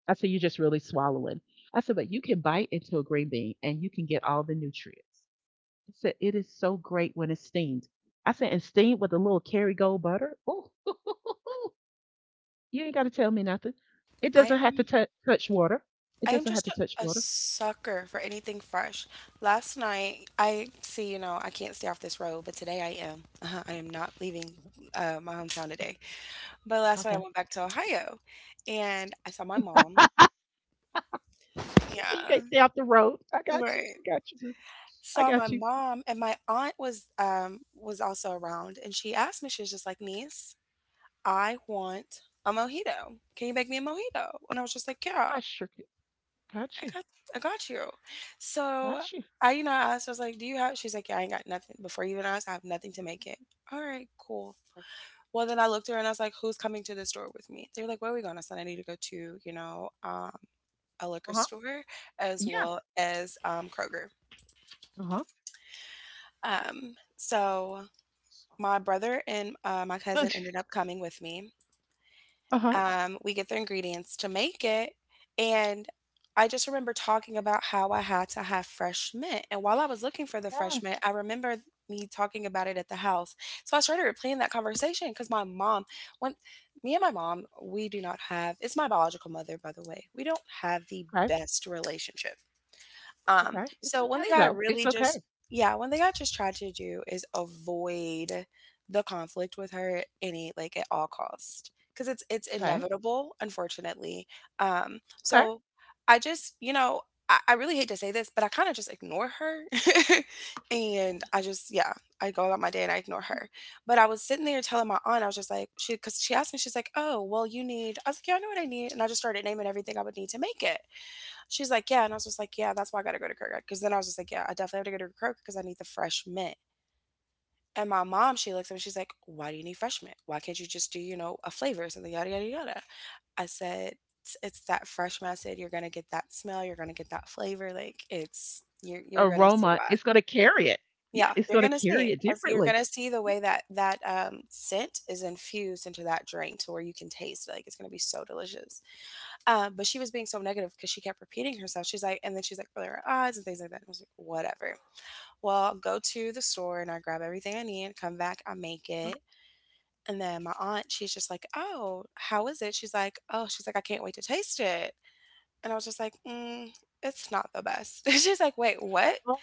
S1: I said, "You're just really swallowing." I said, "But you can bite into a green bean and you can get all the nutrients." I said, "It is so great when it's steamed." I said, "And steamed with a little Kerrygold butter." Ooh, [LAUGHS] you ain't got to tell me nothing. It
S2: I
S1: doesn't have to
S2: am
S1: touch water.
S2: I
S1: It
S2: am
S1: doesn't have
S2: just
S1: to touch
S2: a
S1: water.
S2: sucker for anything fresh. Last night, I see, I can't stay off this road, but today I am. I am not leaving,
S1: Mhm.
S2: my hometown today. But last night
S1: Okay.
S2: I
S1: Okay.
S2: went back to Ohio and I saw my mom.
S1: You see, you
S2: Yeah,
S1: can't stay off the road. I got you.
S2: right.
S1: I got you. I
S2: Saw my
S1: got you.
S2: mom, and my aunt was, was also around, and she asked me, she was just like, "Niece, I want a mojito. Can you make me a mojito?" And I was just like, yeah.
S1: I sure got
S2: I
S1: you.
S2: got I got you. So,
S1: Got you.
S2: I asked, I was like, "Do you have She's like, "Yeah, I ain't got nothing. Before you even asked, I have nothing to make it." All right, cool. Well, then I looked at her and I was like, "Who's coming to the store with me?" They were like, "Where are we going?" I said, I need to go to, a liquor
S1: Uh huh.
S2: store as
S1: Yeah.
S2: well as Kroger.
S1: Uh huh.
S2: So my brother and my cousin ended up
S1: [LAUGHS]
S2: coming with me.
S1: Uh-huh.
S2: We get the ingredients to make it. And I just remember talking about how I had to have fresh mint. And while I was looking for the fresh mint,
S1: Yes.
S2: I remember me talking about it at the house. So I started replaying that conversation because my mom, when me and my mom, we do not have, it's my biological mother, by the way, we don't have the
S1: Okay.
S2: best relationship. Um,
S1: Okay. It's
S2: so one
S1: okay
S2: thing I
S1: though. It's
S2: really just
S1: okay.
S2: yeah, one thing I just tried to do is avoid the conflict with her at any like at all cost because it's
S1: Okay.
S2: inevitable, unfortunately. Um,
S1: Okay.
S2: so I just I really hate to say this, but I kind of just ignore her, [LAUGHS] and I just yeah I go about my day and I ignore her.
S1: [LAUGHS]
S2: But I was sitting there telling my aunt, I was just like, she, because she asked me, she's like, oh, well, you need, I was like, yeah, I know what I need. And I just started naming everything I would need to make it. She's like, yeah. And I was just like, yeah, that's why I got to go to Kroger. Because then I was just like, yeah, I definitely have to go to Kroger because I need the fresh mint. And my mom, she looks at me, she's like, why do you need fresh mint? Why can't you just do, you know, a flavor or something, yada, yada, yada. I said, it's that fresh mint. I said, you're going to get that smell. You're going to get that flavor. Like, it's, you're going to see
S1: Aroma.
S2: why.
S1: It's going to carry it. Yeah,
S2: Yeah,
S1: it's
S2: you're
S1: going to
S2: gonna
S1: carry
S2: see.
S1: it
S2: As- You're
S1: differently.
S2: gonna see the
S1: Yeah.
S2: way that that scent is infused into that drink, to where you can taste it. Like it's gonna be so delicious. But she was being so negative because she kept repeating herself. She's like, and then she's like, rolling her eyes and things like that. And I was like, whatever. Well, I'll go to the store and I grab everything I need, come back, I make
S1: Uh,
S2: it. And then my aunt, she's just like, oh, how is it? She's like, oh, she's like, I can't wait to taste it. And I was just like, mm, it's not the best. [LAUGHS] She's like, wait, what?
S1: oh,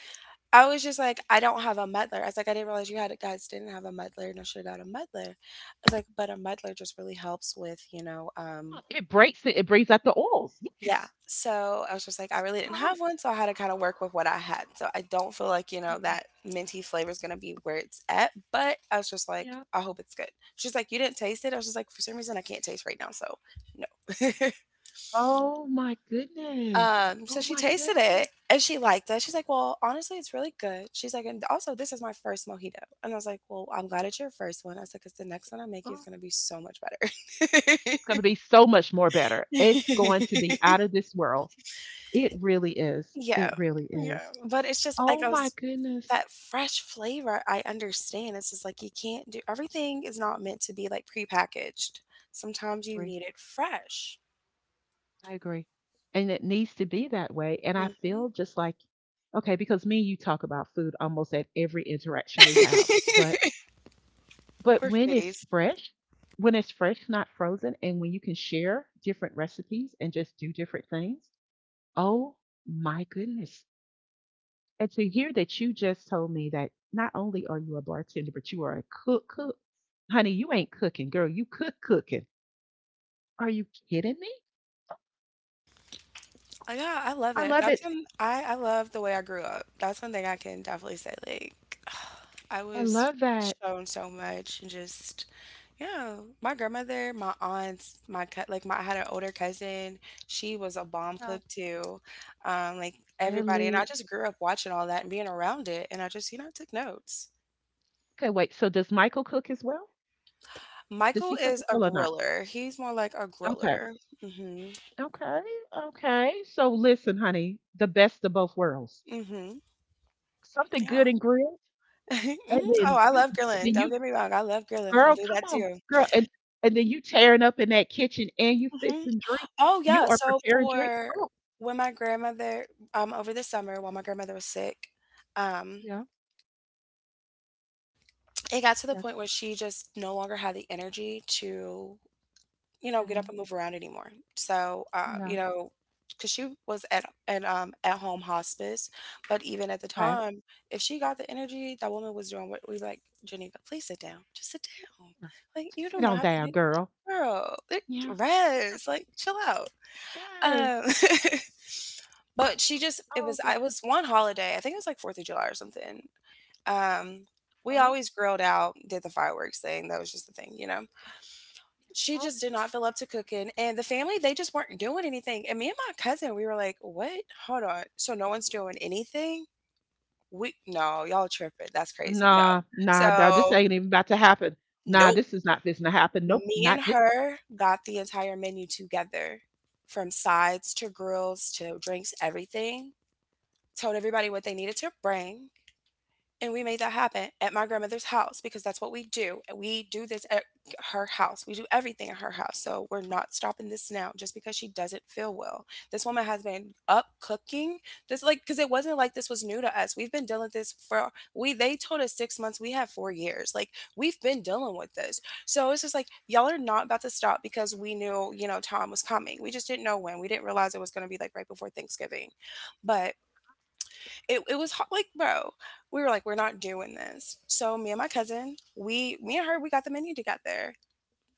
S2: I was just like, I don't have a muddler. I was like, I didn't realize you had guys didn't have a muddler, and I should have got a muddler. I was like, but a muddler just really helps with.
S1: yeah. It breaks it. It brings out the oils.
S2: Yeah.
S1: Yes.
S2: So I was just like, I really didn't
S1: Oh,
S2: have one, so I had to kind of work with what I had. So I don't feel like, you know,
S1: mm,
S2: that minty flavor is gonna be where it's at, but I was just like,
S1: yeah.
S2: I hope it's good. She's like, you didn't taste it? I was just like, for some reason I can't taste right now, so no.
S1: Oh my
S2: [LAUGHS]
S1: goodness.
S2: So
S1: Oh
S2: she
S1: my
S2: tasted it
S1: goodness.
S2: and she liked it. She's like, well, honestly, it's really good. She's like, and also this is my first mojito. And I was like, well, I'm glad it's your first one. I was like, because the next one I make is
S1: Oh,
S2: gonna be so much better.
S1: it's going to be so much more better. It's going to
S2: [LAUGHS]
S1: be out of this world. It really is.
S2: Yeah.
S1: It really is.
S2: Yeah. But it's just like
S1: Oh
S2: I
S1: my
S2: was.
S1: goodness.
S2: That fresh flavor, I understand. It's just like you can't do, everything is not meant to be like prepackaged. Sometimes you
S1: Agree.
S2: need it fresh.
S1: I agree. And it needs to be that way. And I
S2: Mhm.
S1: feel just like, okay, because me and you talk about food almost at every interaction we have.
S2: [LAUGHS]
S1: But but
S2: We're
S1: when it's
S2: foodies.
S1: fresh, when it's fresh, not frozen, and when you can share different recipes and just do different things, oh my goodness. And to hear that you just told me that not only are you a bartender, but you are a cook cook. Honey, you ain't cooking, girl. You cook cooking. Are you kidding me?
S2: Oh, yeah, I love
S1: I
S2: it.
S1: love
S2: That's
S1: it.
S2: when I love the way I grew up. That's one thing I can definitely say. Like, [SIGHS] I
S1: I
S2: was
S1: love that.
S2: shown so much and just, yeah, my grandmother, my aunts, my cut like my, I had an older cousin. She was a bomb
S1: Yeah.
S2: cook too. Like everybody, and
S1: Really?
S2: I just grew up watching all that and being around it, and I just you know took notes.
S1: Okay, wait. So does Michael cook as well? Does
S2: Michael
S1: he cook
S2: is
S1: as
S2: a
S1: well or not?
S2: griller. He's more like a
S1: Okay.
S2: griller. Mm-hmm.
S1: Okay. Okay. So listen, honey, the best of both worlds.
S2: Mm-hmm.
S1: Something
S2: Yeah.
S1: good and grilled,
S2: [LAUGHS]
S1: and
S2: Mhm. Oh,
S1: then
S2: I
S1: you,
S2: love grilling.
S1: then
S2: Don't
S1: you,
S2: get me wrong. I love grilling. I'll
S1: girl,
S2: do
S1: come
S2: that
S1: on,
S2: too.
S1: girl, and then you tearing up in that kitchen and you
S2: Mhm.
S1: fixing drinks.
S2: Oh,
S1: You
S2: yeah.
S1: are
S2: So
S1: preparing drinks.
S2: for
S1: Oh,
S2: when my grandmother, over the summer while my grandmother was sick, um,
S1: yeah,
S2: it got to the
S1: yeah,
S2: point where she just no longer had the energy to, you know, get
S1: yeah,
S2: up and move around anymore. So, you
S1: yeah.
S2: know, because she was at home hospice, but even at the
S1: Okay.
S2: time, if she got the energy, that woman was doing, what, we were like, Geneva, please sit down. Just sit down.
S1: Yeah.
S2: Like you do
S1: Sit
S2: not
S1: on
S2: have to
S1: down,
S2: do.
S1: girl.
S2: Girl, like,
S1: Yeah.
S2: rest, like, chill out.
S1: Yes.
S2: Um, [LAUGHS] but she just, it
S1: Oh,
S2: was,
S1: okay.
S2: I was, one holiday, I think it was like 4th of July or something. Um, we
S1: Huh?
S2: always grilled out, did the fireworks thing. That was just the thing, you know. She
S1: Oh,
S2: just did not feel up to cooking, and the family they just weren't doing anything. And me and my cousin, we were like, "What? Hold on. So no one's doing anything? We, no, y'all tripping. That's crazy. No."
S1: nah, nah, nah, this
S2: So,
S1: ain't even about to happen. Nah,
S2: nope.
S1: this is not fixing to happen. Nope,
S2: Me
S1: not
S2: and
S1: this.
S2: her got the entire menu together, from sides to grills to drinks, everything. Told everybody what they needed to bring. And we made that happen at my grandmother's house because that's what we do. We do this at her house. We do everything at her house. So we're not stopping this now just because she doesn't feel well. This woman has been up cooking this, like, because it wasn't like this was new to us. We've been dealing with this for, we they told us 6 months. We have 4 years. Like we've been dealing with this. So it's just like y'all are not about to stop because we knew, you know, Tom was coming. We just didn't know when. We didn't realize it was gonna be like right before Thanksgiving. But it was hard, like bro, we were like, we're not doing this. So me and my cousin, we, me and her, we got the menu together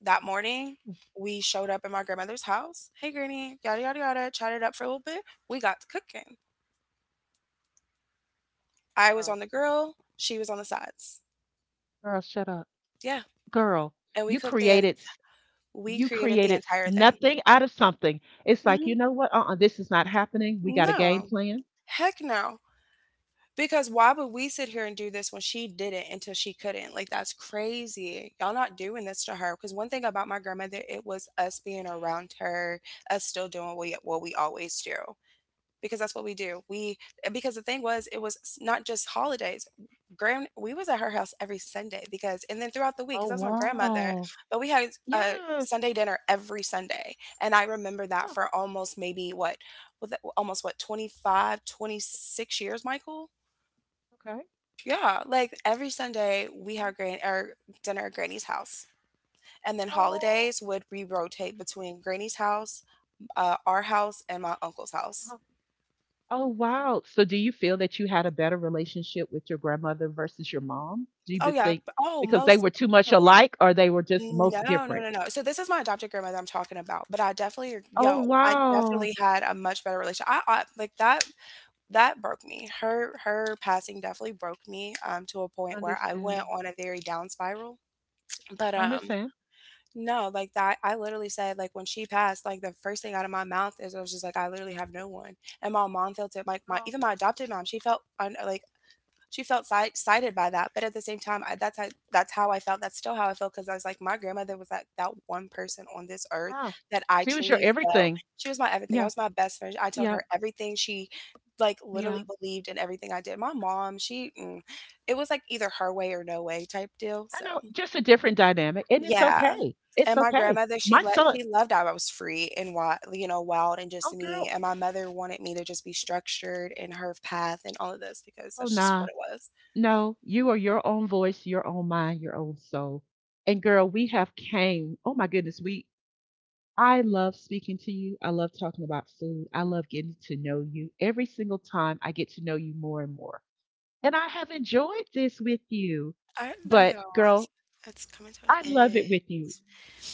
S2: that morning. We showed up at my grandmother's house, hey granny, yada yada yada, chatted up for a little bit. We got to cooking. I was
S1: Girl,
S2: on the grill, she was on the sides.
S1: girl, shut up.
S2: Yeah,
S1: Girl,
S2: and
S1: You created, s-
S2: we
S1: you
S2: created the
S1: created s-
S2: entire thing.
S1: nothing out of something. It's like, you
S2: Hmm.
S1: know what? Uh-uh, this is not happening. We got a game
S2: No.
S1: plan.
S2: Heck no. Because why would we sit here and do this when she did it until she couldn't? Like that's crazy. Y'all not doing this to her. Because one thing about my grandmother, it was us being around her, us still doing what we always do. Because that's what we do. We, because the thing was, it was not just holidays. Grand, we was at her house every Sunday because, and then throughout the week,
S1: Oh
S2: because that was my grandmother.
S1: wow.
S2: But we had a
S1: Yes.
S2: Sunday dinner every Sunday, and I remember that
S1: Oh.
S2: for almost maybe what, was almost what, 25, 26 years, Michael.
S1: Okay.
S2: Yeah, like every Sunday we
S1: Oh.
S2: have gran, our dinner at Granny's house. And then holidays would, we rotate between Granny's house, our house, and my uncle's house.
S1: Oh. Oh, wow. So do you feel that you had a better relationship with your grandmother versus your mom? Do you
S2: Oh yeah.
S1: think
S2: b- Oh,
S1: because they
S2: most
S1: were too much
S2: definitely.
S1: alike or they were just most
S2: No, no,
S1: different?
S2: no, no. So this is my adopted grandmother I'm talking about. But I definitely,
S1: Oh,
S2: yo, I
S1: wow.
S2: definitely had a much better relation. I like that. That broke me. Her passing definitely broke me, to a point where I went
S1: Understand.
S2: on a very down spiral. But
S1: Understand.
S2: no, like that, I literally said, like, when she passed, like, the first thing out of my mouth is, I was just like, I literally have no one. And my mom felt it, like, my,
S1: Oh,
S2: even my adopted mom, she felt, un, like, she felt si- sighted by that. But at the same time, I, that's how I felt. That's still how I felt. Cause I was like, my grandmother was like that one person on this earth
S1: wow.
S2: that I
S1: She was your
S2: truly felt.
S1: everything.
S2: She was my everything. I
S1: Yeah.
S2: was my best friend. I told
S1: Yeah.
S2: her everything. She, like, literally
S1: Yeah.
S2: believed in everything I did. My mom, she, mm, it was like either her way or no way type deal.
S1: I
S2: So.
S1: know, just a different dynamic and it's
S2: Yeah,
S1: okay. It's
S2: and my
S1: okay.
S2: grandmother,
S1: My son,
S2: she loved how I was free and wild, you know, wild and just
S1: oh,
S2: me,
S1: girl.
S2: and my mother wanted me to just be structured in her path and all of this because
S1: Oh,
S2: that's just what
S1: nah.
S2: it was.
S1: No, you are your own voice, your own mind, your own soul. And girl, we have came. Oh my goodness, we I love speaking to you. I love talking about food. I love getting to know you. Every single time I get to know you more and more. And I have enjoyed this with you.
S2: I
S1: But
S2: know. I'm s,
S1: girl,
S2: it's coming to an
S1: I love
S2: end.
S1: it with you.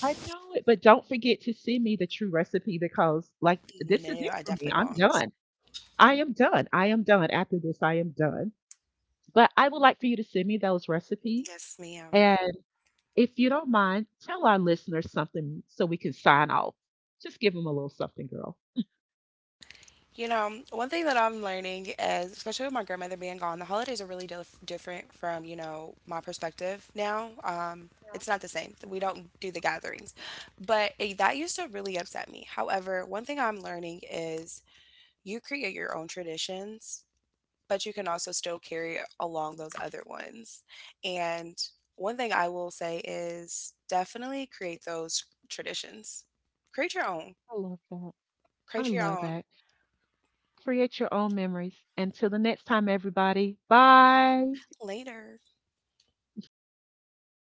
S1: I know it, but don't forget to send me the true recipe because, like, this is
S2: No,
S1: it
S2: I
S1: for me.
S2: definitely
S1: I'm
S2: won't.
S1: done. I am done. I am done. After this, I am done. But I would like for you to send me those recipes.
S2: Yes, ma'am.
S1: And if you don't mind, tell our listeners something so we can sign off. Just give them a little something, girl.
S2: You know, one thing that I'm learning is, especially with my grandmother being gone, the holidays are really dif- different from, you know, my perspective now. It's not the same. We don't do the gatherings. But it, that used to really upset me. However, one thing I'm learning is you create your own traditions, but you can also still carry along those other ones. And one thing I will say is definitely create those traditions. Create your own.
S1: I love that. I
S2: Create your
S1: love
S2: own.
S1: that. Create your own memories. Until the next time, everybody. Bye.
S2: Later.